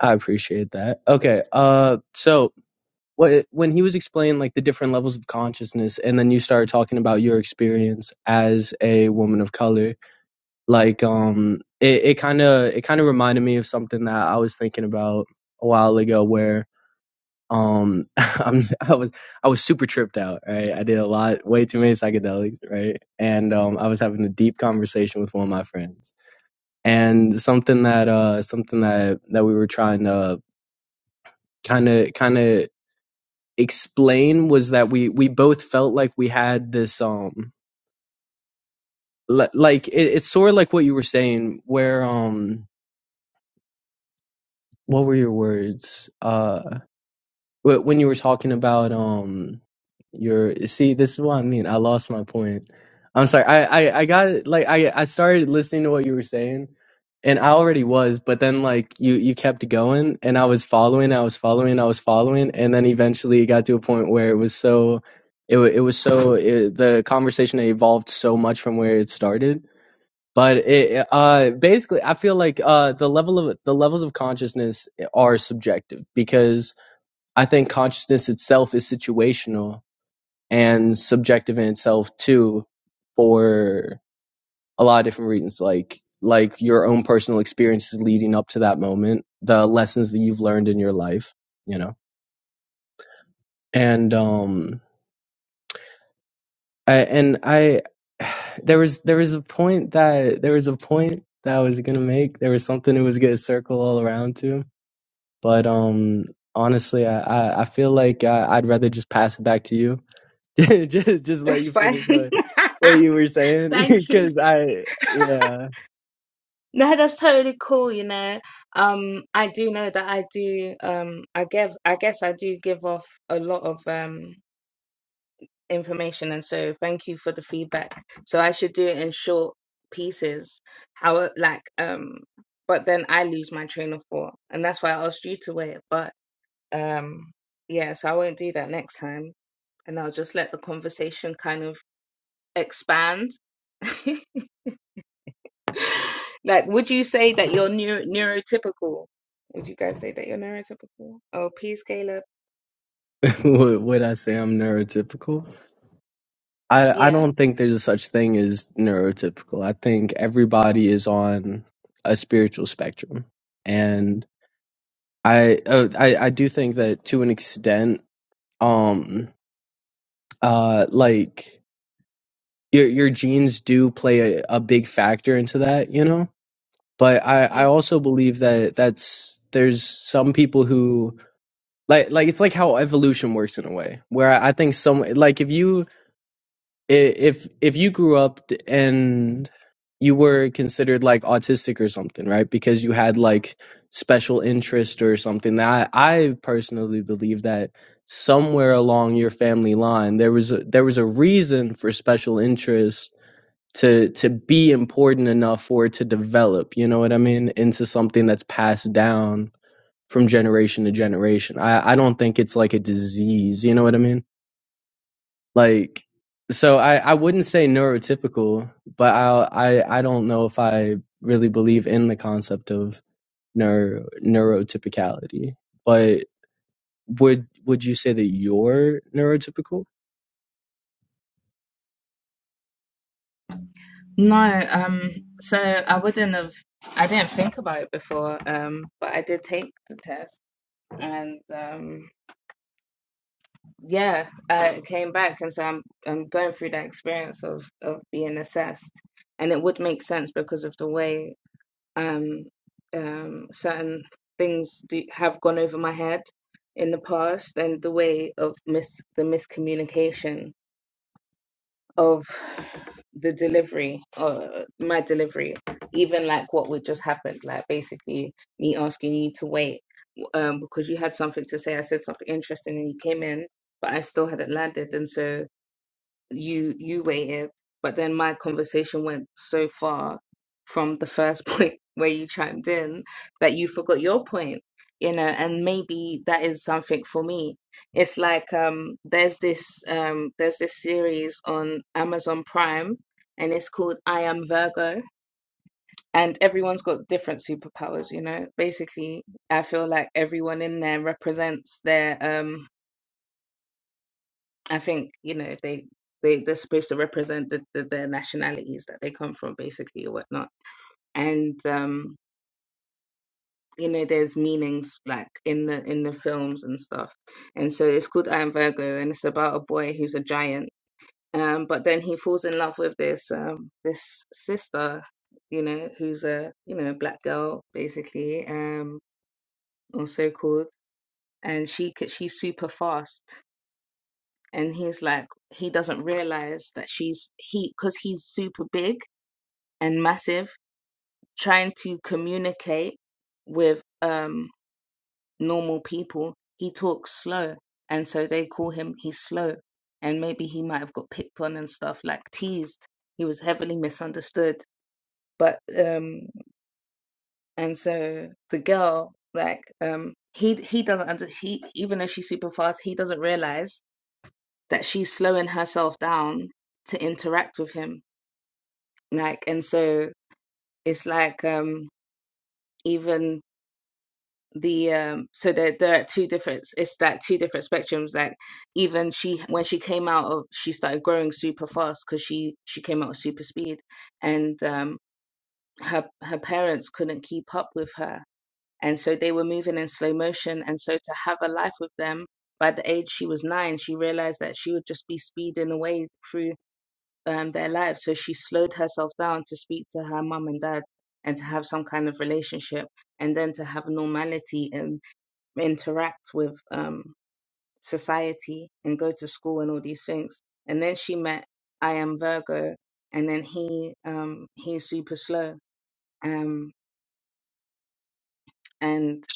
G: i appreciate that okay uh so what, when he was explaining like the different levels of consciousness and then you started talking about your experience as a woman of color like um it it kind of it kind of reminded me of something that i was thinking about a while ago Um, I'm, I was I was super tripped out. Right, I did a lot, way too many psychedelics. Right, and um, I was having a deep conversation with one of my friends, and something that uh something that that we were trying to kind of kind of explain was that we we both felt like we had this um li- like it, it's sort of like what you were saying where um what were your words uh. But when you were talking about um your see, this is what I mean. I lost my point. I'm sorry. I I, I got like I I started listening to what you were saying, and I already was, but then like you you kept going, and I was following, I was following, I was following, and then eventually it got to a point where it was so it wa- it was so it, the conversation evolved so much from where it started. But it uh basically I feel like uh the level of the levels of consciousness are subjective because I think consciousness itself is situational and subjective in itself too for a lot of different reasons like like your own personal experiences leading up to that moment, the lessons that you've learned in your life, you know. And um I and I there was there was a point that there was a point that I was gonna make. There was something it was gonna circle all around to. But um honestly I, I, I feel like I, I'd rather just pass it back to you just just let you finish what what you were saying because I yeah what would I say I'm neurotypical? I I don't think there's a such thing as neurotypical. I think everybody is on a spiritual spectrum, and I uh, I I do think that to an extent, um, uh, like your your genes do play a, a big factor into that, you know. But I I also believe that that's there's some people who like like it's like how evolution works in a way where i think some like if you if if you grew up and you were considered like autistic or something right because you had like special interest or something that i, I personally believe that somewhere along your family line there was a, there was a reason for special interest to to be important enough for it to develop you know what i mean into something that's passed down from generation to generation. I, I don't think it's like a disease. You know what I mean? Like, so I, I wouldn't say neurotypical, but I, I I don't know if I really believe in the concept of neuro neurotypicality. But would would you say that you're neurotypical?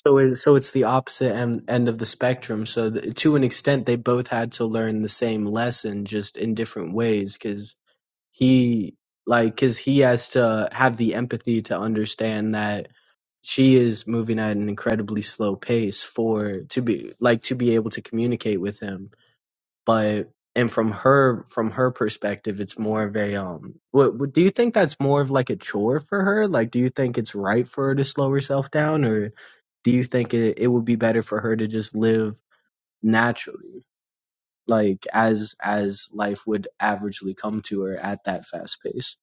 G: So it, so it's the opposite end, end of the spectrum. So th to an extent, they both had to learn the same lesson, just in different ways, because he like because he has to have the empathy to understand that she is moving at an incredibly slow pace for to be like to be able to communicate with him but and from her from her perspective it's more of a um what, what do you think that's more of like a chore for her like do you think it's right for her to slow herself down or do you think it, it would be better for her to just live naturally like as as life would averagely come to her at that fast pace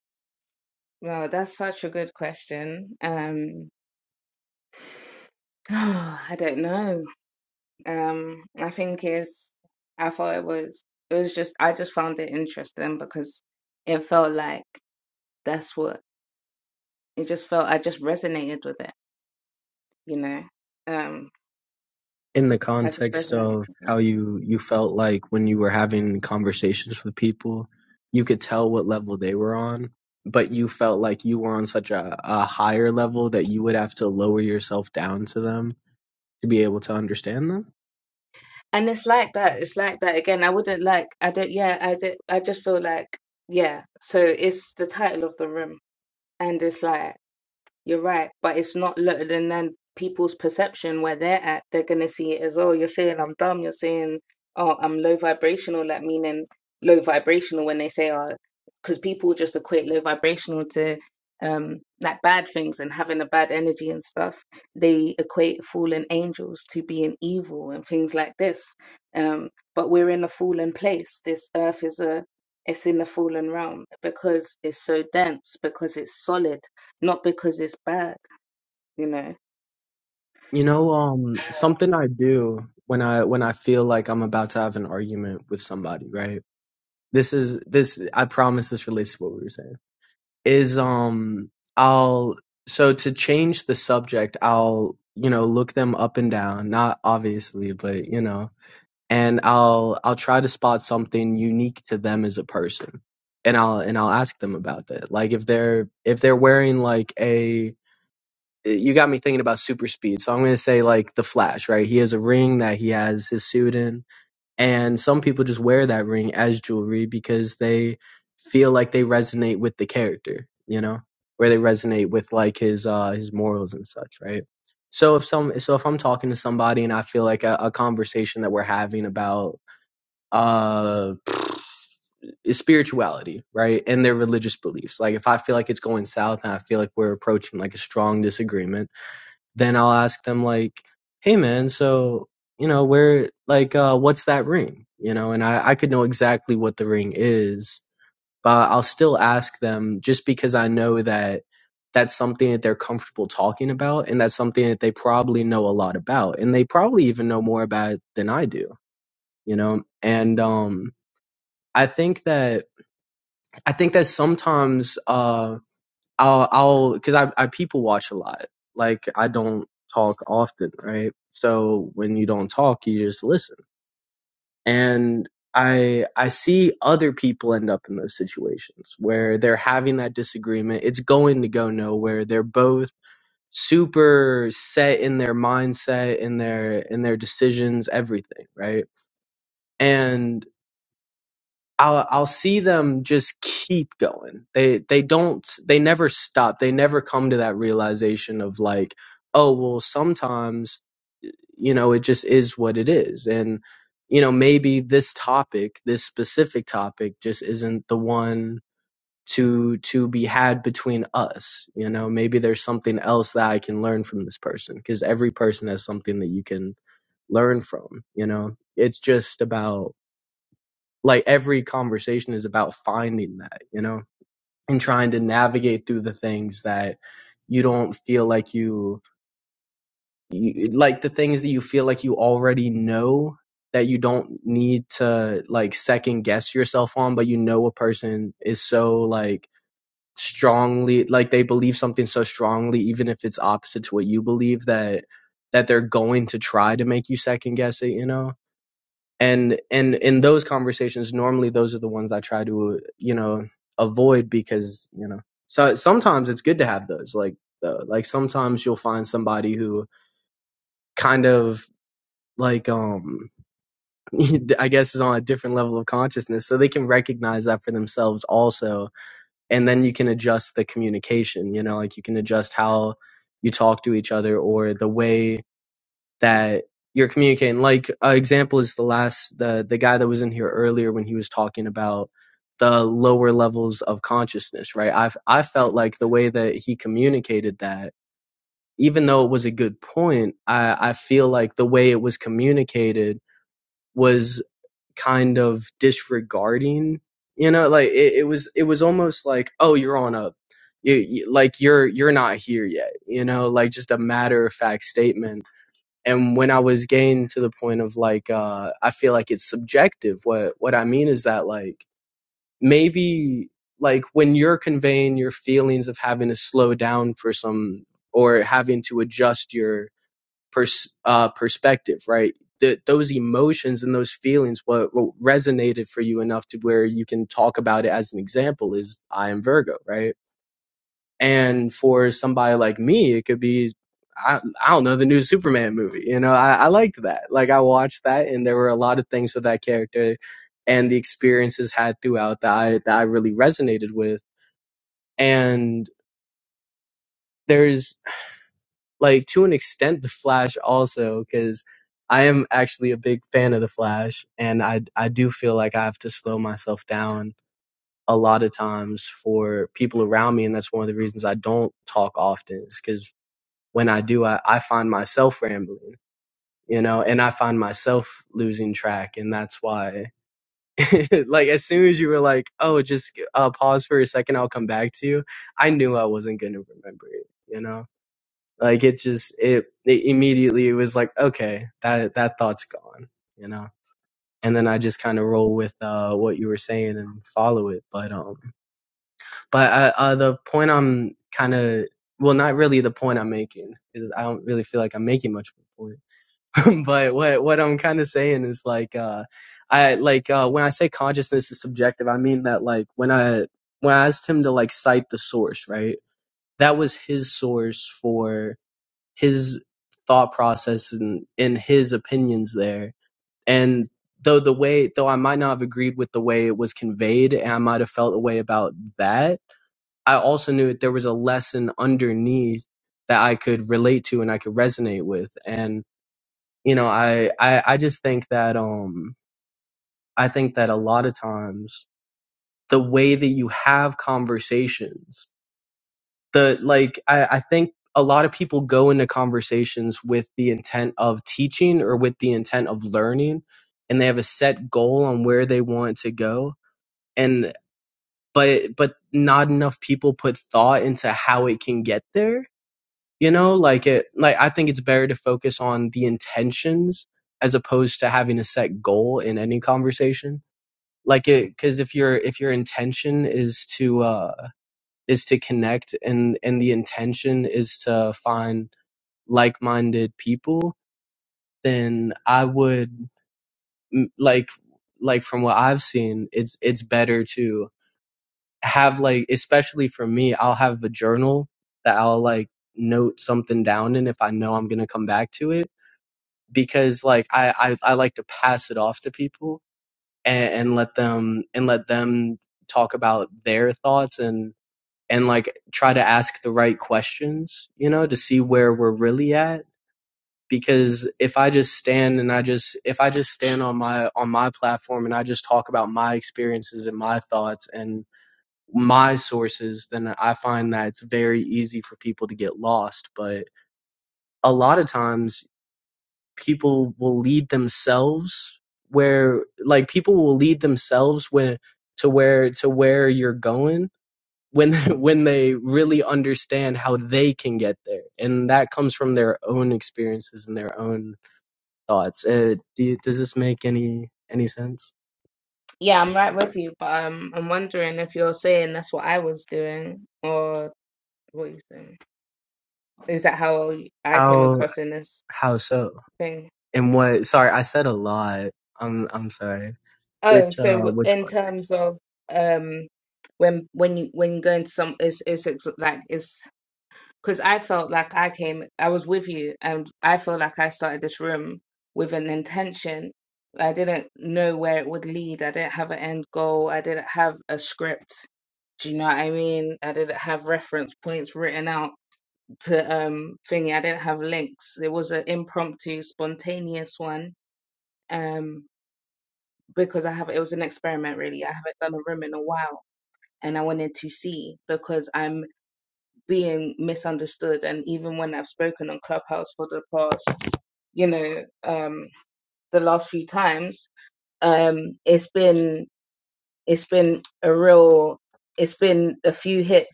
G: in the context of how you you felt like when you were having conversations with people you could tell what level they were on but you felt like you were on such a, a higher level that you would have to lower yourself down to them to be able to understand them you know um something i do when i when i feel like i'm about to have an argument with somebody right this is this i promise this relates to what we were saying is um I'll so to change the subject, I'll, you know, look them up and down, not obviously, but you know, and I'll I'll try to spot something unique to them as a person. And I'll and I'll ask them about that. Like if they're if they're wearing like a you got me thinking about super speed. So I'm going to say like the Flash, right? He has a ring that he has his suit in and some people just wear that ring as jewelry because they feel like they resonate with the character, you know, where they resonate with like his uh his morals and such, right? So if some so if I'm talking to somebody and I feel like a, a conversation that we're having about uh is spirituality, right? And their religious beliefs. Like if I feel like it's going south and I feel like we're approaching like a strong disagreement, then I'll ask them like, "Hey, man, so you know where like uh, what's that ring?" You know, and I I could know exactly what the ring is, but I'll still ask them just because I know that that's something that they're comfortable talking about, and that's something that they probably know a lot about, and they probably even know more about it than I do. You know, and um, I think that I think that sometimes uh, I'll I'll because I I people watch a lot. Like I don't talk often, right? So when you don't talk, you just listen. And I I see other people end up in those situations where they're having that disagreement. It's going to go nowhere. They're both super set in their mindset, in their in their decisions, everything, right? And. I'll I'll see them just keep going. They they don't they never stop. They never come to that realization of like, oh well, sometimes you know it just is what it is, and you know maybe this topic, this specific topic, just isn't the one to to be had between us. You know maybe there's something else that I can learn from this person because every person has something that you can learn from. You know it's just about like every conversation is about finding that, you know, and trying to navigate through the things that you don't feel like you, you like the things that you feel like you already know that you don't need to like second guess yourself on, but you know a person is so like strongly like they believe something so strongly even if it's opposite to what you believe that that they're going to try to make you second guess it you know and and in those conversations normally those are the ones i try to you know avoid because you know so sometimes it's good to have those like though like sometimes you'll find somebody who kind of like um i guess is on a different level of consciousness so they can recognize that for themselves also and then you can adjust the communication you know like you can adjust how you talk to each other or the way that you're communicating. Like an uh, example is the last the the guy that was in here earlier when he was talking about the lower levels of consciousness, right? I I felt like the way that he communicated that, even though it was a good point, I I feel like the way it was communicated was kind of disregarding, you know, like it, it was it was almost like, oh, you're on a you, you like you're you're not here yet, you know, like just a matter of fact statement and when i was getting to the point of like uh i feel like it's subjective what what i mean is that like maybe like when you're conveying your feelings of having to slow down for some or having to adjust your pers- uh perspective right Th- those emotions and those feelings what, what resonated for you enough to where you can talk about it as an example is i am virgo right and for somebody like me, it could be, I, I don't know, the new Superman movie. You know, I, I liked that. Like, I watched that, and there were a lot of things with that character and the experiences had throughout that I, that I really resonated with. And there's, like, to an extent, The Flash also, because I am actually a big fan of The Flash, and I, I do feel like I have to slow myself down a lot of times for people around me and that's one of the reasons i don't talk often is because. when I do, I, I find myself rambling, you know, and I find myself losing track. And that's why, like, as soon as you were like, oh, just uh, pause for a second, I'll come back to you, I knew I wasn't going to remember it, you know? Like, it just, it, it immediately it was like, okay, that, that thought's gone, you know? And then I just kind of roll with uh, what you were saying and follow it. But, um, but uh, uh, the point I'm kind of, well, not really the point I'm making. 'cause I don't really feel like I'm making much of a point but what what I'm kind of saying is like uh I like uh when I say consciousness is subjective, I mean that like when I when I asked him to like cite the source, right? That was his source for his thought process and and his opinions there. And though the way though I might not have agreed with the way it was conveyed and I might have felt a way about that, I also knew that there was a lesson underneath that I could relate to and I could resonate with. And you know I, I i just think that um i think that a lot of times the way that you have conversations the like i i think a lot of people go into conversations with the intent of teaching or with the intent of learning and they have a set goal on where they want to go and but but not enough people put thought into how it can get there you know like it like i think it's better to focus on the intentions as opposed to having a set goal in any conversation like it because if your if your intention is to uh is to connect and and the intention is to find like-minded people then i would mm, like like from what i've seen it's it's better to have like especially for me i'll have a journal that i'll like note something down in if i know i'm gonna come back to it because like I, I I like to pass it off to people and, and let them and let them talk about their thoughts and and like try to ask the right questions, you know, to see where we're really at. Because if I just stand and I just if I just stand on my on my platform and I just talk about my experiences and my thoughts and my sources, then I find that it's very easy for people to get lost. But a lot of times people will lead themselves where like people will lead themselves when to where to where you're going when when they really understand how they can get there and that comes from their own experiences and their own thoughts uh, do you, does this make any any sense how how so and what sorry i said a lot i'm i'm sorry which uh which part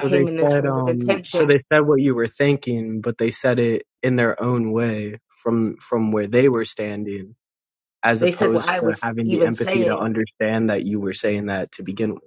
G: So they said, um, so they said what you were thinking, but they said it in their own way from from where they were standing, as opposed to having the empathy to understand that you were saying that to begin with.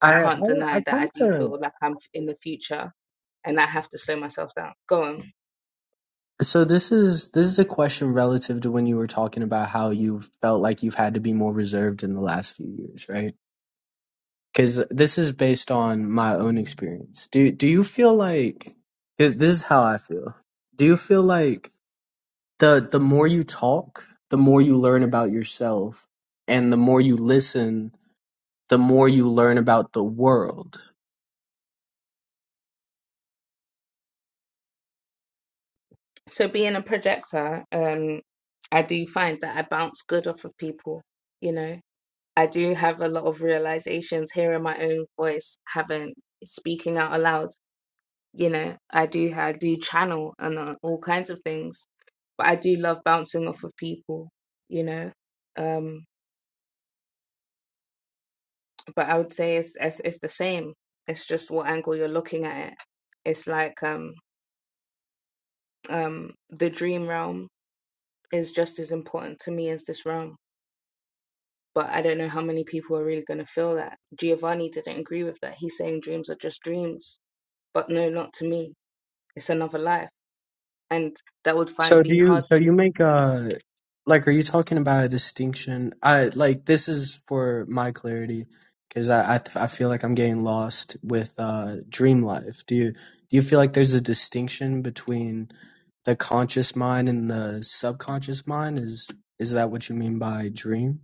G: I I, I kind of. So this is this is a question relative to when you were talking about how you felt like you've had to be more reserved in the last few years, right? Because this is based on my own experience. Do do you feel like 'cause this is how I feel? Do you feel like the the more you talk, the more you learn about yourself, and the more you listen, the more you learn about the world. So do you? So you make a like? Are you talking about a distinction? I like this is for my clarity because I, I I feel like I'm getting lost with uh, dream life. Do you do you feel like there's a distinction between the conscious mind and the subconscious mind? Is is that what you mean by dream?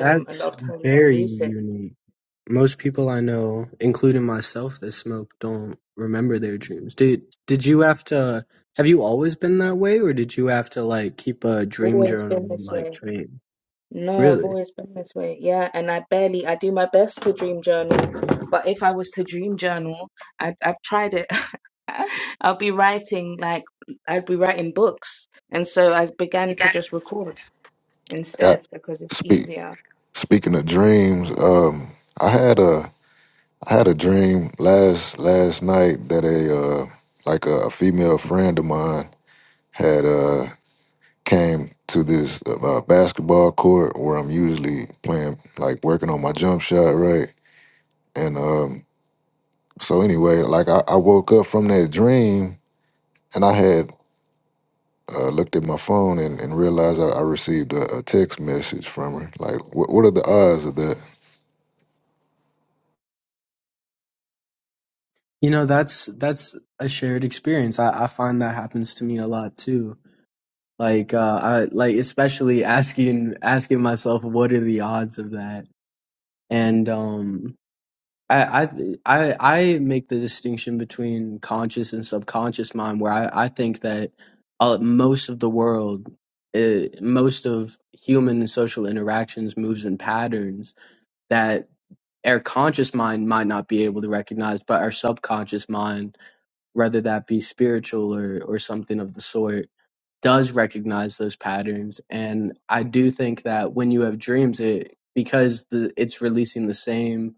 G: That's very unique. Most people I know, including myself that smoke, don't remember their dreams. Did did you have to have you always been that way or did you have to like keep a dream journal and like train? Really?
I: Yeah. Speak, speaking of dreams, um, I had a I had a dream last last night that a uh, like a, female friend of mine had uh, came to this uh, basketball court where I'm usually playing, like working on my jump shot, right? And um, so anyway, like I, I woke up from that dream and I had uh, looked at my phone and, and realized I, I received a, a text message from her. Like, what what are the odds of that?
G: You know, that's that's a shared experience. I, I find that happens to me a lot too. Like uh I like especially asking asking myself what are the odds of that? And um I, I I I make the distinction between conscious and subconscious mind, where I, I think that uh, most of the world, uh, most of human and social interactions moves in patterns that our conscious mind might not be able to recognize, but our subconscious mind, whether that be spiritual or, or something of the sort, does recognize those patterns. And I do think that when you have dreams, it because the, it's releasing the same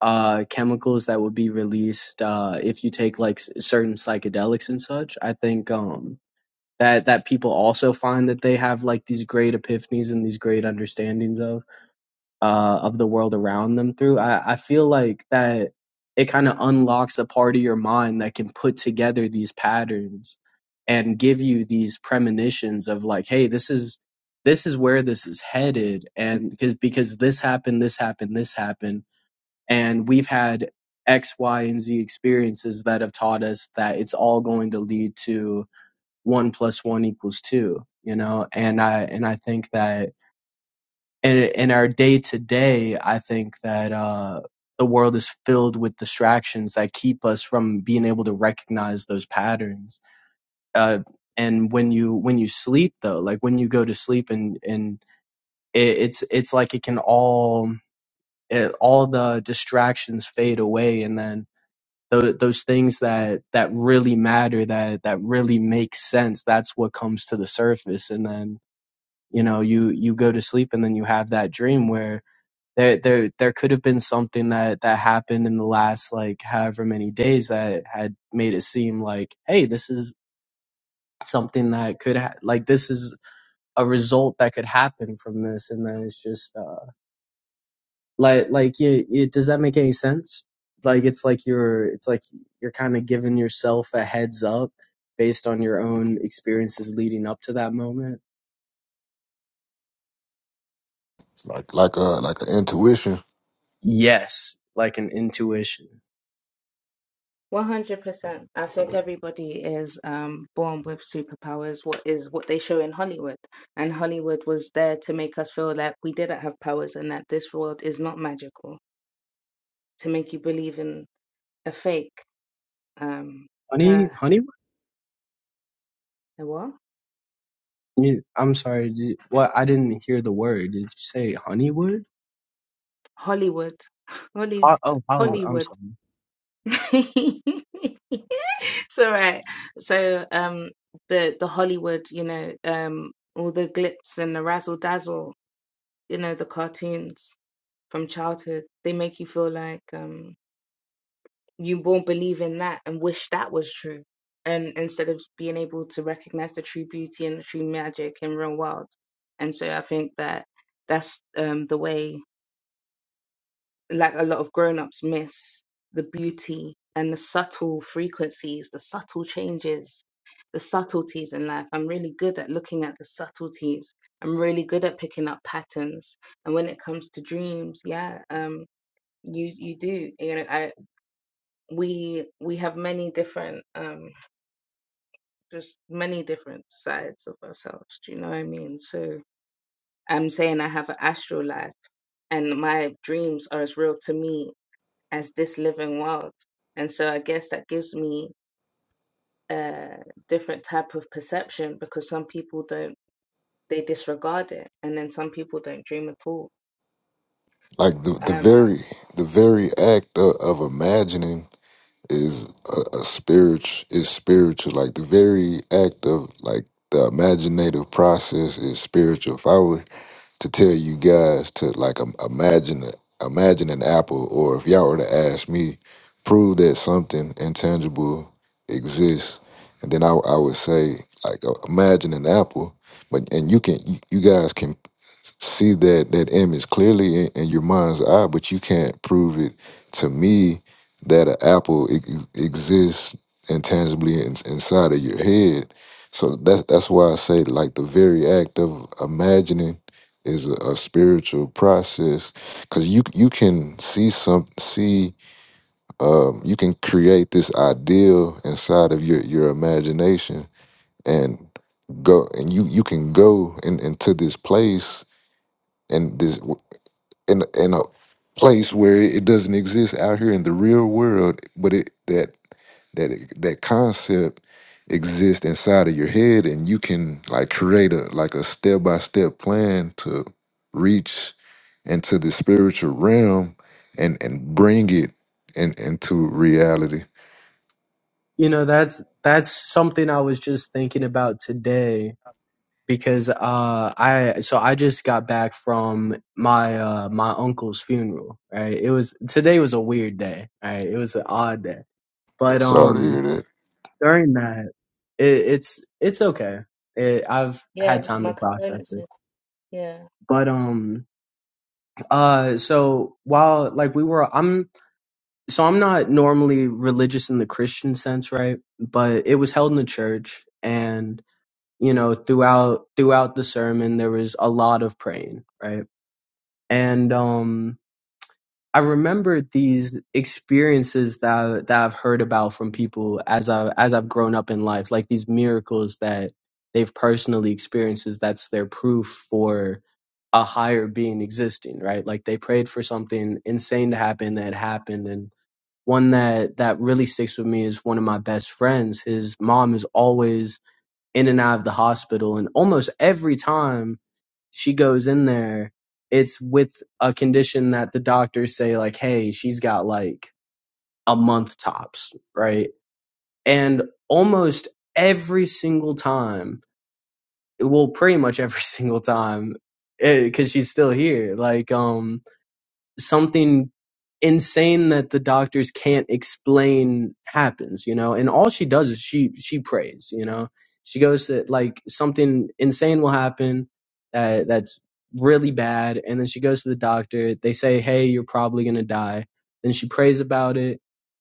G: uh, chemicals that would be released uh, if you take like s- certain psychedelics and such. I think um, that that people also find that they have like these great epiphanies and these great understandings of uh, of the world around them through. I, I feel like that it kind of unlocks a part of your mind that can put together these patterns and give you these premonitions of like, hey, this is this is where this is headed and because because this happened this happened this happened and we've had X, Y, and Z experiences that have taught us that it's all going to lead to one plus one equals two, you know? And I, and I think that in, in our day to day, I think that, uh, the world is filled with distractions that keep us from being able to recognize those patterns. Uh, and when you, when you sleep though, like when you go to sleep and, and it, it's, it's like it can all, it, all the distractions fade away and then Those, those things that, that really matter, that, that really make sense. That's what comes to the surface. And then, you know, you, you go to sleep and then you have that dream where there, there, there could have been something that, that happened in the last like however many days that had made it seem like, Hey, this is something that could, ha- like, this is a result that could happen from this. And then it's just, uh, Like, like you, you, does that make any sense? Like, it's like you're, it's like you're kind of giving yourself a heads up based on your own experiences leading up to that moment.
I: like like a like an intuition
G: Yes, like an intuition. Honey, honeywood. You, I'm sorry. Did, what? I didn't hear the word. Did you say honeywood? Ho- Oh, Hollywood. I'm sorry.
I: like the the very the very act of, of imagining is a, a spiritual is spiritual like the very act of like the imaginative process is spiritual if i were to tell you guys to like im- imagine a- imagine an apple or if y'all were to ask me prove that something intangible exists and then i, I would say like uh, imagine an apple but and you can you, you guys can see that that image clearly in, in your mind's eye, but you can't prove it to me that an apple ex- exists intangibly in, inside of your head. So that that's why I say like the very act of imagining is a, a spiritual process because you you can see some see um, you can create this ideal inside of your your imagination and go and you you can go in, into this place and this in in a place where it doesn't exist out here in the real world, but it that that that concept exists inside of your head, and you can like create a like a step by step plan to reach into the spiritual realm and and bring it in, into reality.
G: You know, that's that's something I was just thinking about today because uh I so I just got back from my uh my uncle's funeral, right? It was today was a weird day, right? It was an odd day.
I: Yeah,
G: But
I: sorry to
G: um
I: hear that.
G: during that it, it's it's okay. It, I've had time to process it. But um uh so while like we were I'm so I'm not normally religious in the Christian sense, right? But it was held in the church and you know throughout throughout the sermon there was a lot of praying, right? and um I remember these experiences that that I've heard about from people as I as I've grown up in life, like these miracles that they've personally experienced. Is that's their proof for a higher being existing, right? Like they prayed for something insane to happen that happened, and one that that really sticks with me is one of my best friends. His mom is always in and out of the hospital, and almost every time she goes in there, it's with a condition that the doctors say, like, hey, she's got like a month tops, right? And almost every single time, well, pretty much every single time, because she's still here, like, um, something insane that the doctors can't explain happens, you know. And all she does is she she prays, you know. She goes to like something insane will happen that that's really bad, and then she goes to the doctor. They say, "Hey, you're probably gonna die." Then she prays about it,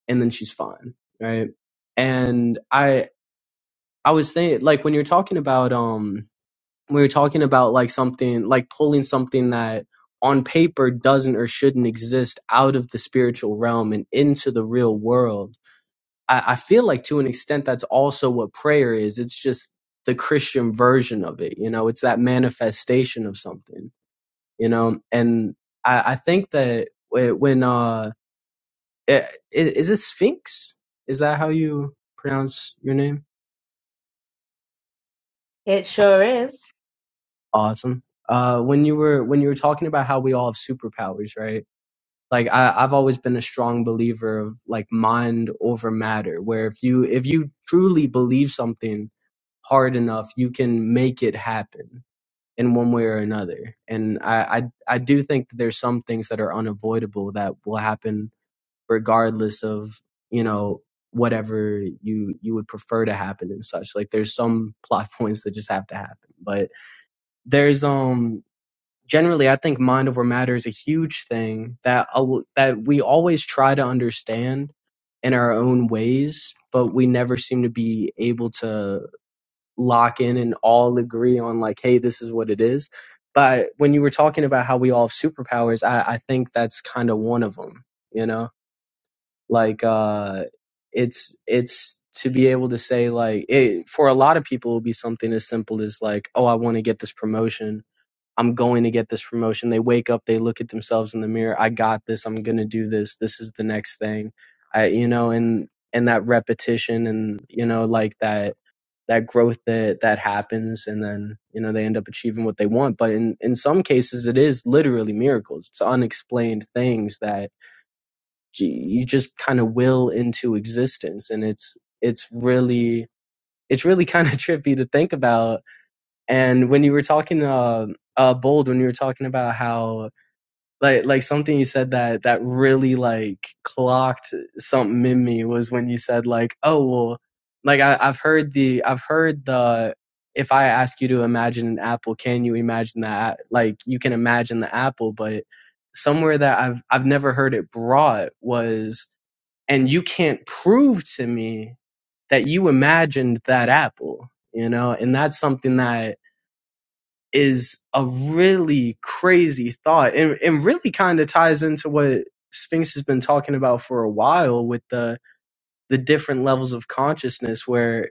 G: and then she's fine, right? And I I was thinking like when you're talking about um we were talking about like something like pulling something that on paper doesn't or shouldn't exist out of the spiritual realm and into the real world i, I feel like to an extent that's also what prayer is it's just the christian version of it you know it's that manifestation of something you know and i, I think that when uh i- is it sphinx is that how you pronounce your name awesome uh when you were when you were talking about how we all have superpowers right like I, I've always been a strong believer of like mind over matter, where if you if you truly believe something hard enough, you can make it happen in one way or another. And I I, I do think that there's some things that are unavoidable that will happen regardless of you know whatever you you would prefer to happen and such. Like there's some plot points that just have to happen, but there's um generally i think mind over matter is a huge thing that al- that we always try to understand in our own ways but we never seem to be able to lock in and all agree on like hey this is what it is but when you were talking about how we all have superpowers i i think that's kind of one of them you know like uh it's it's to be able to say like it, for a lot of people it'll be something as simple as like oh i want to get this promotion I'm going to get this promotion. They wake up, they look at themselves in the mirror. I got this. I'm going to do this. This is the next thing. I, you know, and, and that repetition and, you know, like that, that growth that, that happens. And then, you know, they end up achieving what they want. But in, in some cases, it is literally miracles. It's unexplained things that gee, you just kind of will into existence. And it's, it's really, it's really kind of trippy to think about and when you were talking uh, uh bold, when you were talking about how like like something you said that that really like clocked something in me was when you said like, oh well, like I, I've heard the I've heard the if I ask you to imagine an apple, can you imagine that? Like you can imagine the apple, but somewhere that I've I've never heard it brought was and you can't prove to me that you imagined that apple, you know, and that's something that is a really crazy thought and, and really kind of ties into what Sphinx has been talking about for a while with the the different levels of consciousness where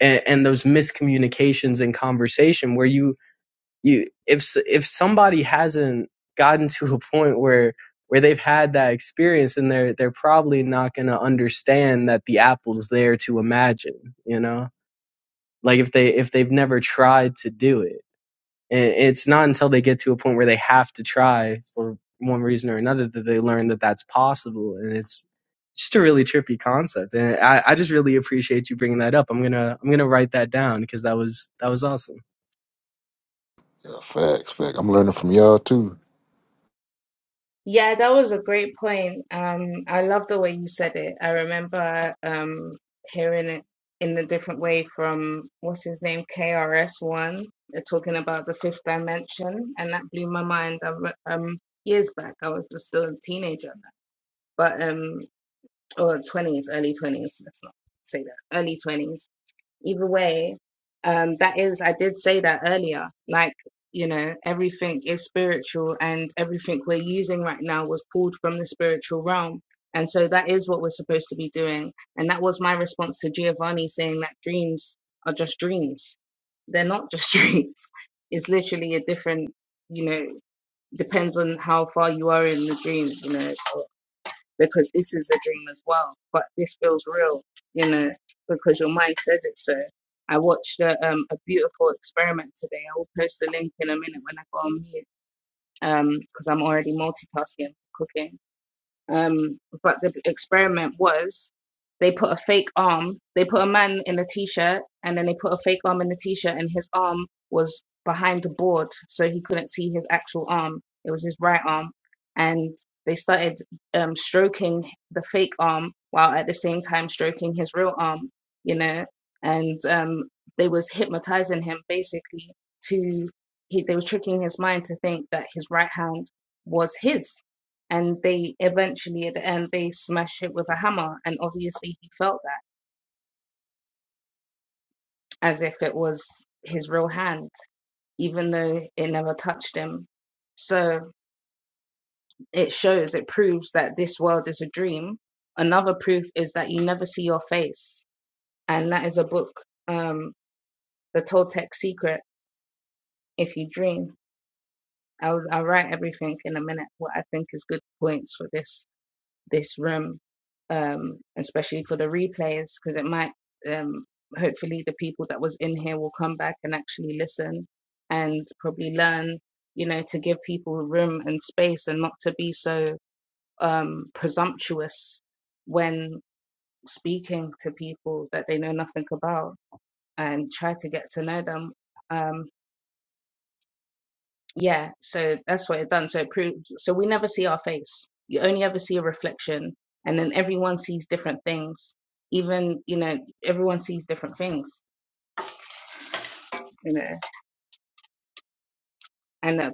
G: and, and those miscommunications in conversation where you you if s- if somebody hasn't gotten to a point where where they've had that experience and they're they're probably not going to understand that the apple's there to imagine you know like if they if they've never tried to do it it's not until they get to a point where they have to try for one reason or another that they learn that that's possible and it's just a really trippy concept and i, I just really appreciate you bringing that up i'm gonna i'm gonna write that down because that was that was awesome
I: Yeah, facts, facts. I'm learning from y'all too.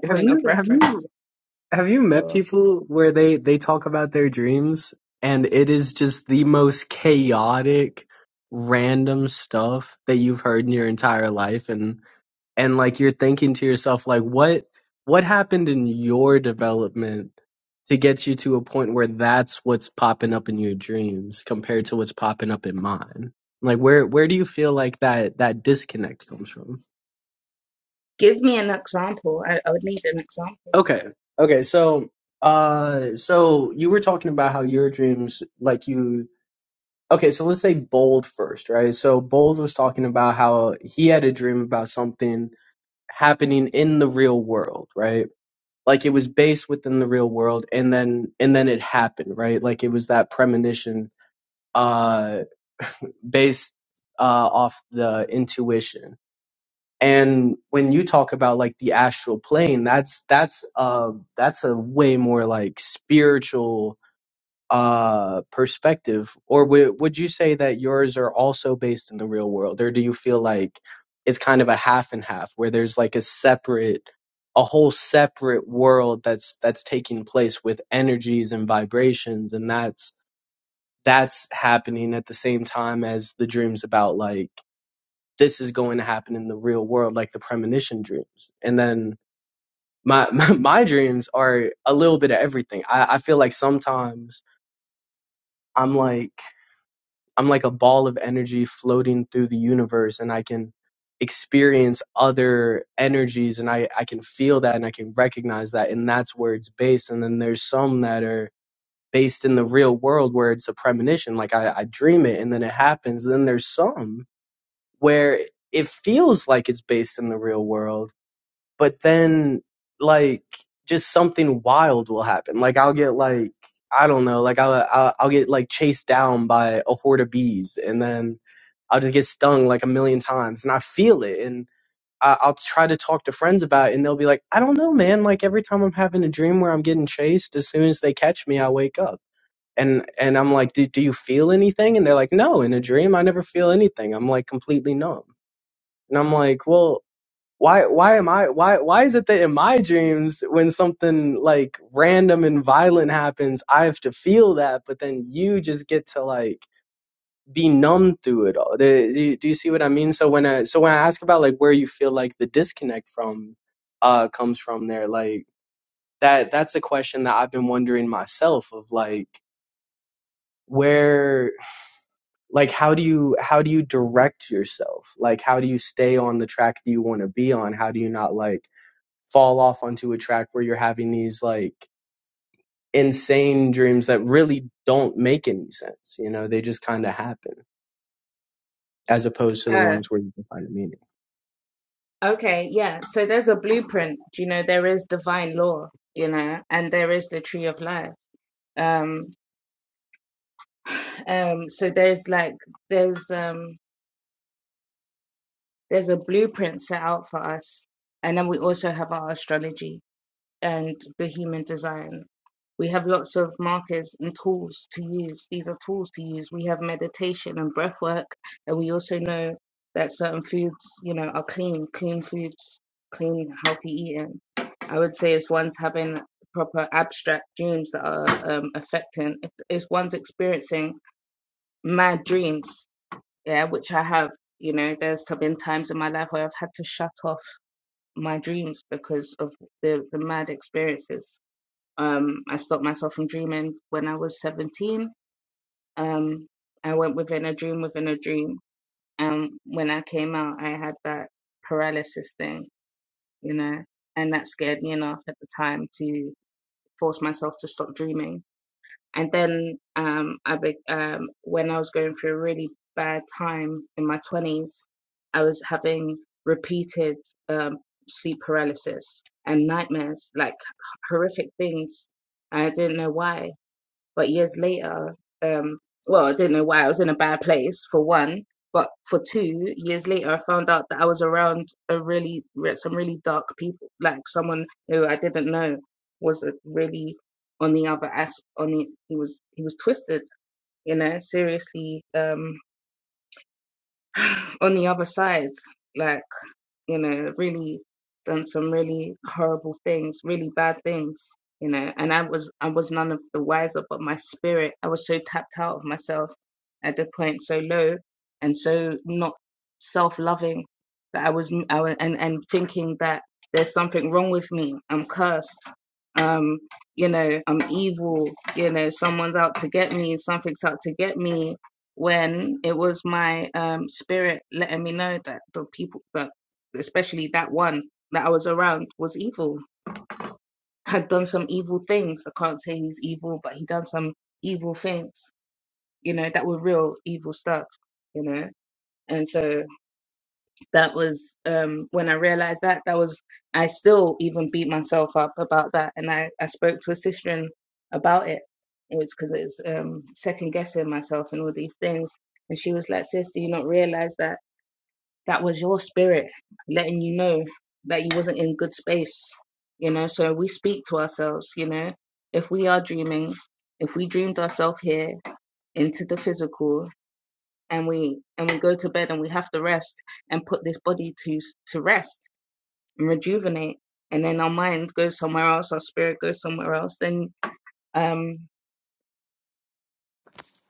G: have you have you have you met people where they they talk about their dreams and it is just the most chaotic random stuff that you've heard in your entire life and and like you're thinking to yourself like what what happened in your development to get you to a point where that's what's popping up in your dreams compared to what's popping up in mine like where where do you feel like that that disconnect comes from okay okay so uh so you were talking about how your dreams like you okay so let's say bold first right so bold was talking about how he had a dream about something happening in the real world right like it was based within the real world and then and then it happened right like it was that premonition uh based uh off the intuition and when you talk about like the astral plane that's that's uh that's a way more like spiritual uh perspective or would would you say that yours are also based in the real world or do you feel like it's kind of a half and half where there's like a separate a whole separate world that's that's taking place with energies and vibrations and that's that's happening at the same time as the dreams about like this is going to happen in the real world like the premonition dreams and then my my, my dreams are a little bit of everything i i feel like sometimes i'm like I'm like a ball of energy floating through the universe and I can experience other energies and I, I can feel that and I can recognize that and that's where it's based. And then there's some that are based in the real world where it's a premonition. Like I, I dream it and then it happens. And then there's some where it feels like it's based in the real world, but then like just something wild will happen. Like I'll get like I don't know, like I'll, I'll I'll get like chased down by a horde of bees, and then I'll just get stung like a million times and I feel it. And I, I'll try to talk to friends about it and they'll be like, I don't know, man. Like every time I'm having a dream where I'm getting chased, as soon as they catch me, I wake up. And, and I'm like, do, do you feel anything? And they're like, no, in a dream, I never feel anything. I'm like completely numb. And I'm like, well, why, why am I, why, why is it that in my dreams, when something like random and violent happens, I have to feel that, but then you just get to like be numb through it all. Do do do you see what I mean? So when I so when I ask about like where you feel like the disconnect from uh comes from there, like that that's a question that I've been wondering myself of like where like how do you how do you direct yourself? Like how do you stay on the track that you want to be on? How do you not like fall off onto a track where you're having these like insane dreams that really don't make any sense, you know? They just kind of happen as opposed to the ones where you can find a meaning.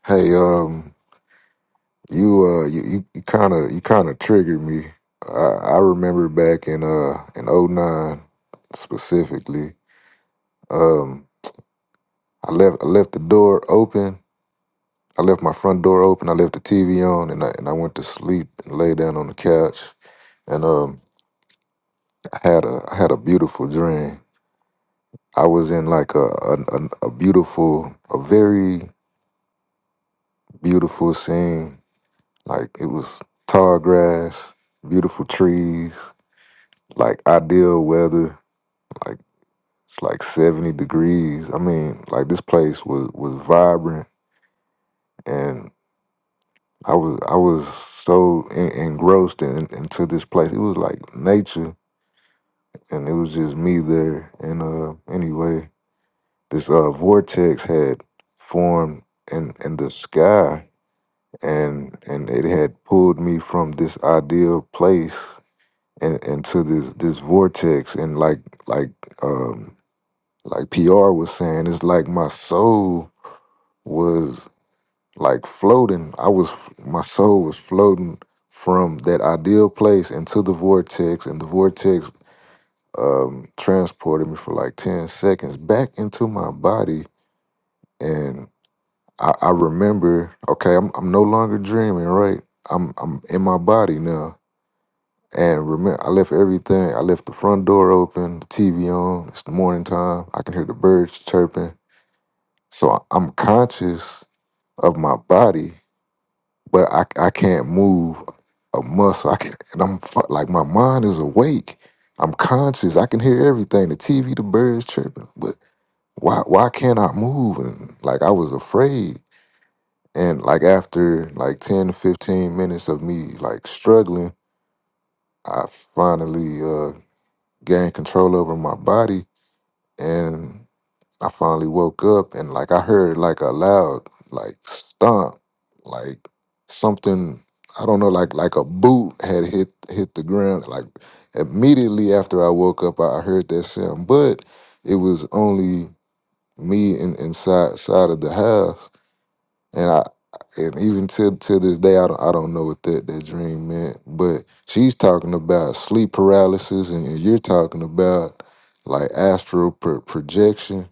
I: Hey, um, You uh you you kind of you kind of triggered me. I I remember back in uh in '09 specifically. Um I left I left the door open. I left my front door open. I left the TV on and I and I went to sleep and lay down on the couch and um I had a I had a beautiful dream. I was in like a a, a, a beautiful a very beautiful scene. Like it was tall grass, beautiful trees, like ideal weather like It's like 70 degrees. I mean, like this place was was vibrant and I was I was so en- engrossed in, into this place. It was like nature and it was just me there. And uh anyway, this uh vortex had formed in in the sky and and it had pulled me from this ideal place and into this this vortex and like like um like PR was saying, it's like my soul was like floating. I was my soul was floating from that ideal place into the vortex, and the vortex um, transported me for like ten seconds back into my body. And I, I remember, okay, I'm I'm no longer dreaming, right? I'm I'm in my body now. And remember, I left everything. I left the front door open, the TV on. It's the morning time. I can hear the birds chirping. So I- I'm conscious of my body, but I I can't move a muscle. I can, and I'm fu- like my mind is awake. I'm conscious. I can hear everything. The TV, the birds chirping. But why why can't I move? And like I was afraid. And like after like ten to fifteen minutes of me like struggling, I finally uh gained control over my body. And I finally woke up and like I heard like a loud like stomp, like something I don't know, like like a boot had hit hit the ground. Like immediately after I woke up, I I heard that sound, but it was only me and inside side of the house, and I and even to to this day, I don't I don't know what that that dream meant. But she's talking about sleep paralysis, and you're talking about like astral pro- projection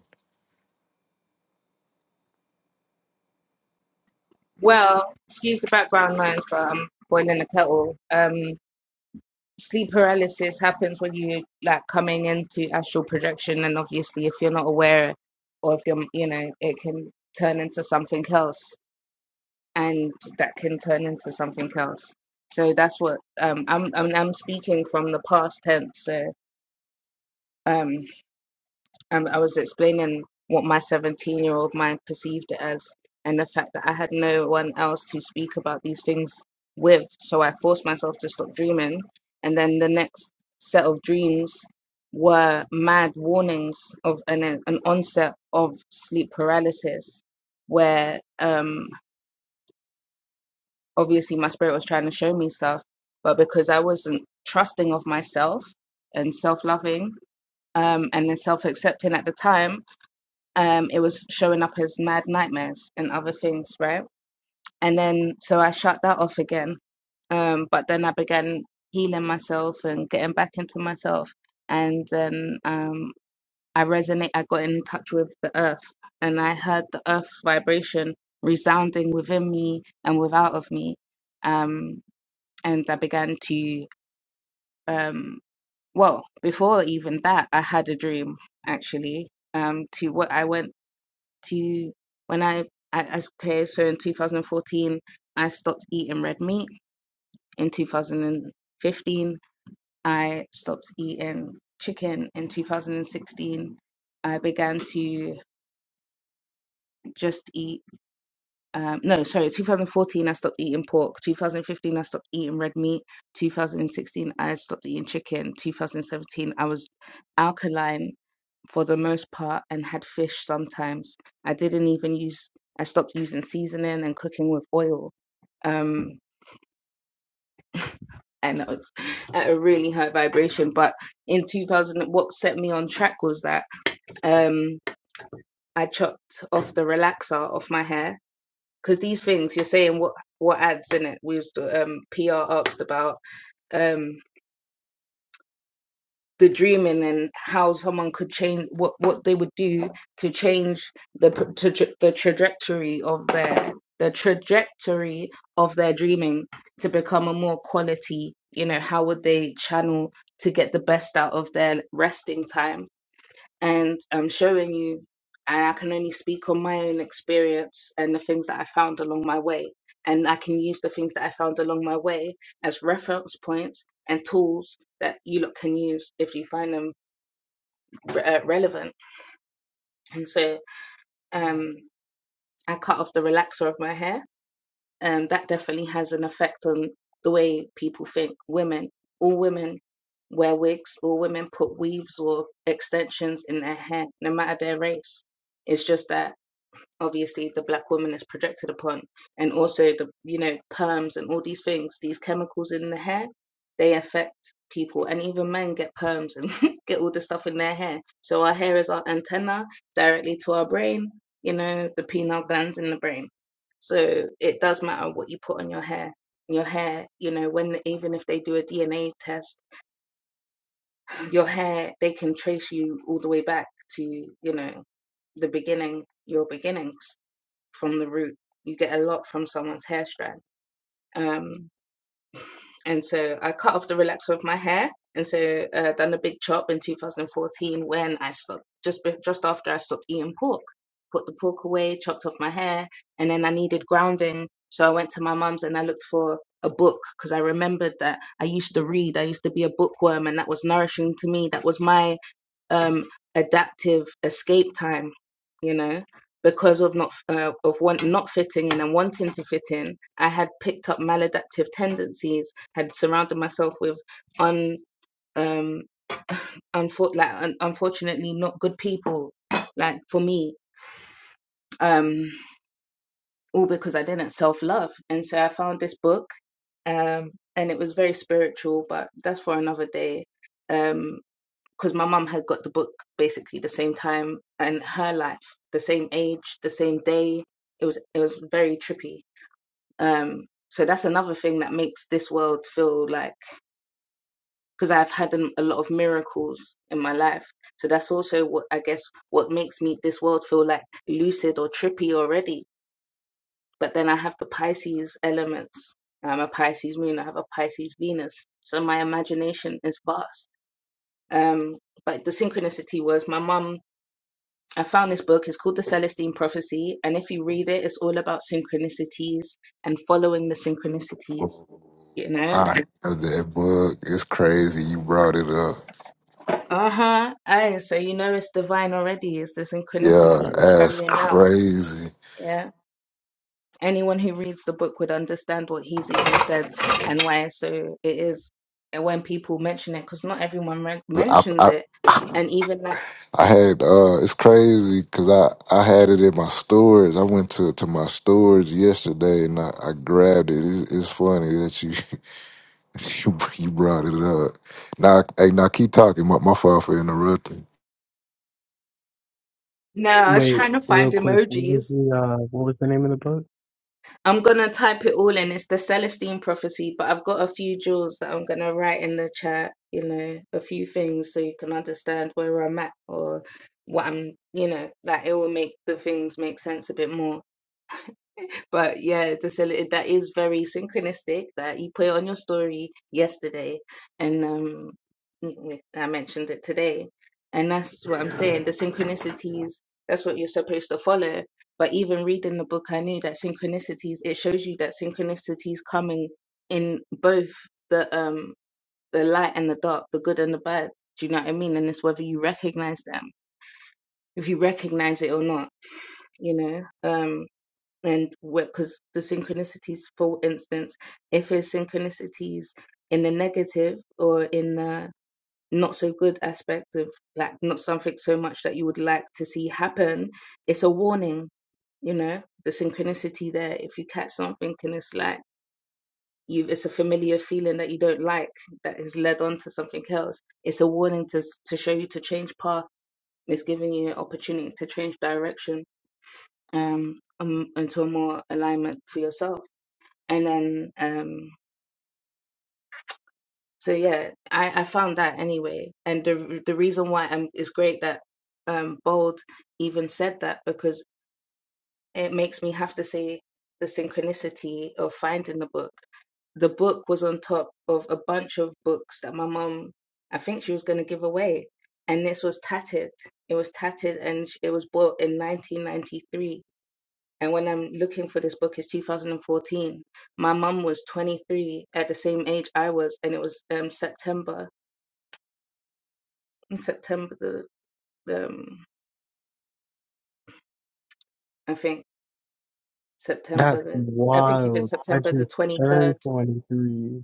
I: I love that book. It's crazy. You brought it up. Yeah, that's crazy. I, I I had uh, it's crazy because I I had it in my storage. I went to to my storage yesterday and I, I grabbed it. It's, it's funny that you you you brought it up. Now hey now keep talking. My my fault for interrupting.
G: Wait, real quick, what was the uh, what was the name of the book? That's wild. I just turned twenty three.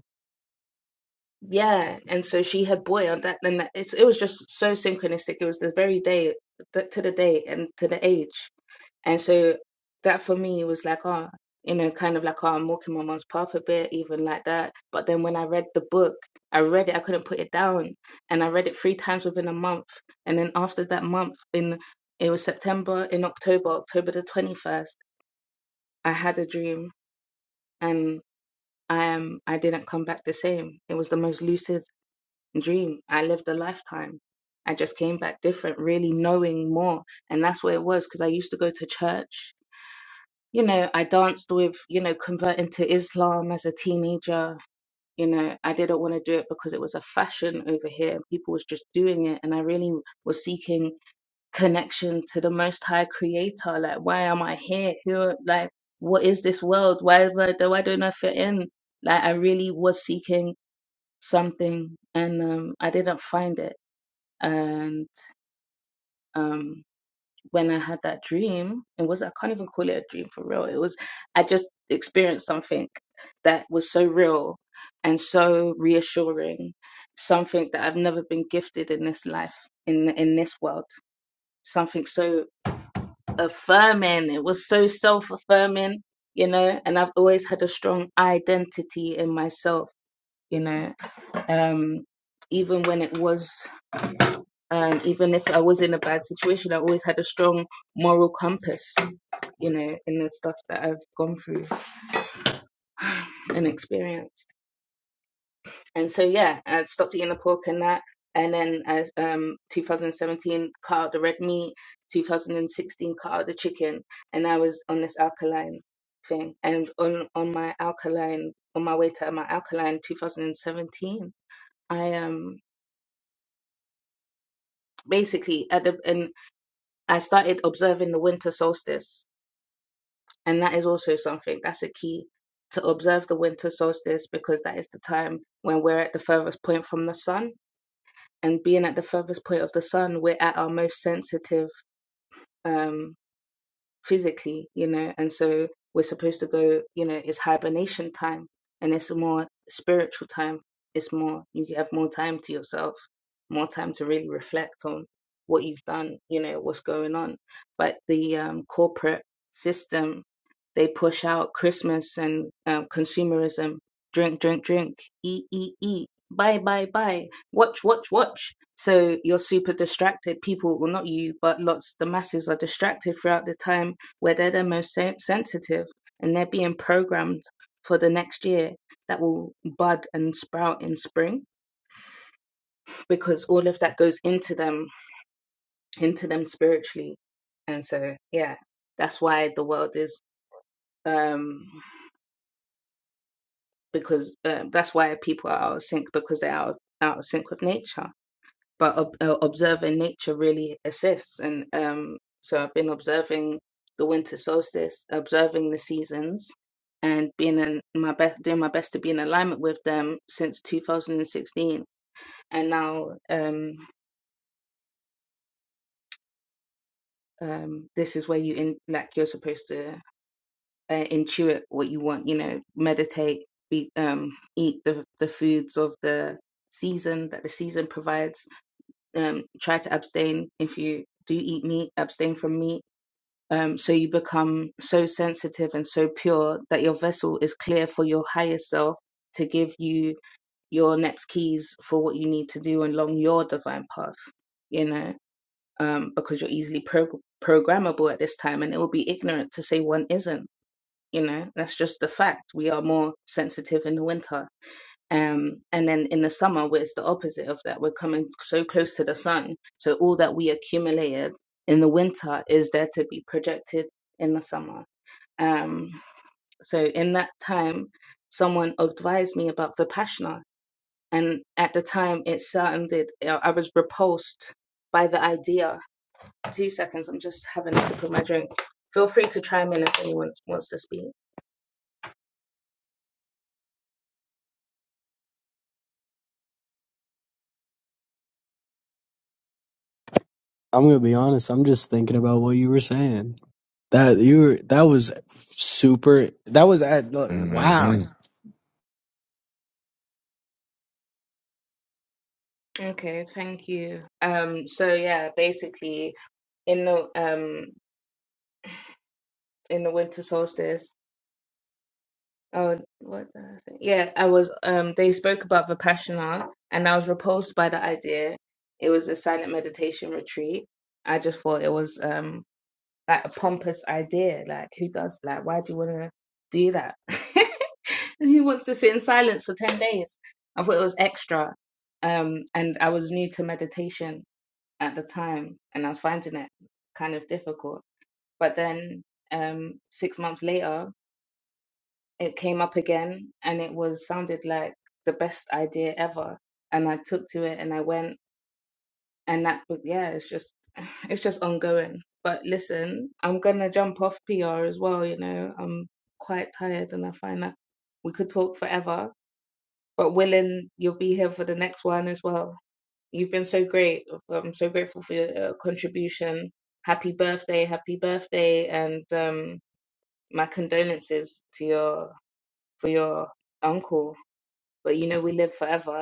G: I'm gonna be honest. I'm just thinking about what you were saying. That you were that was super. That was at like, wow.
I: Mm-hmm.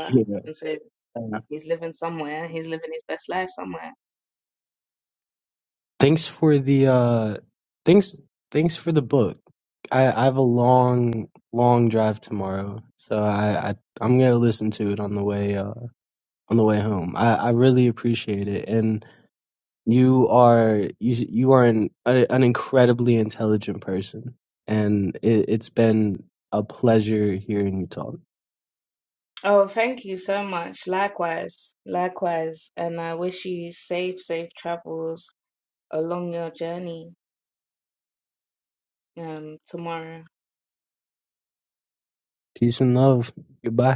G: Yeah. Thanks for the uh, thanks thanks for the book. I I have a long long drive tomorrow, so I, I I'm gonna listen to it on the way uh on the way home. I I really appreciate it and. You are you you are an an incredibly intelligent person, and it, it's been a pleasure hearing you talk. Peace and love. Goodbye.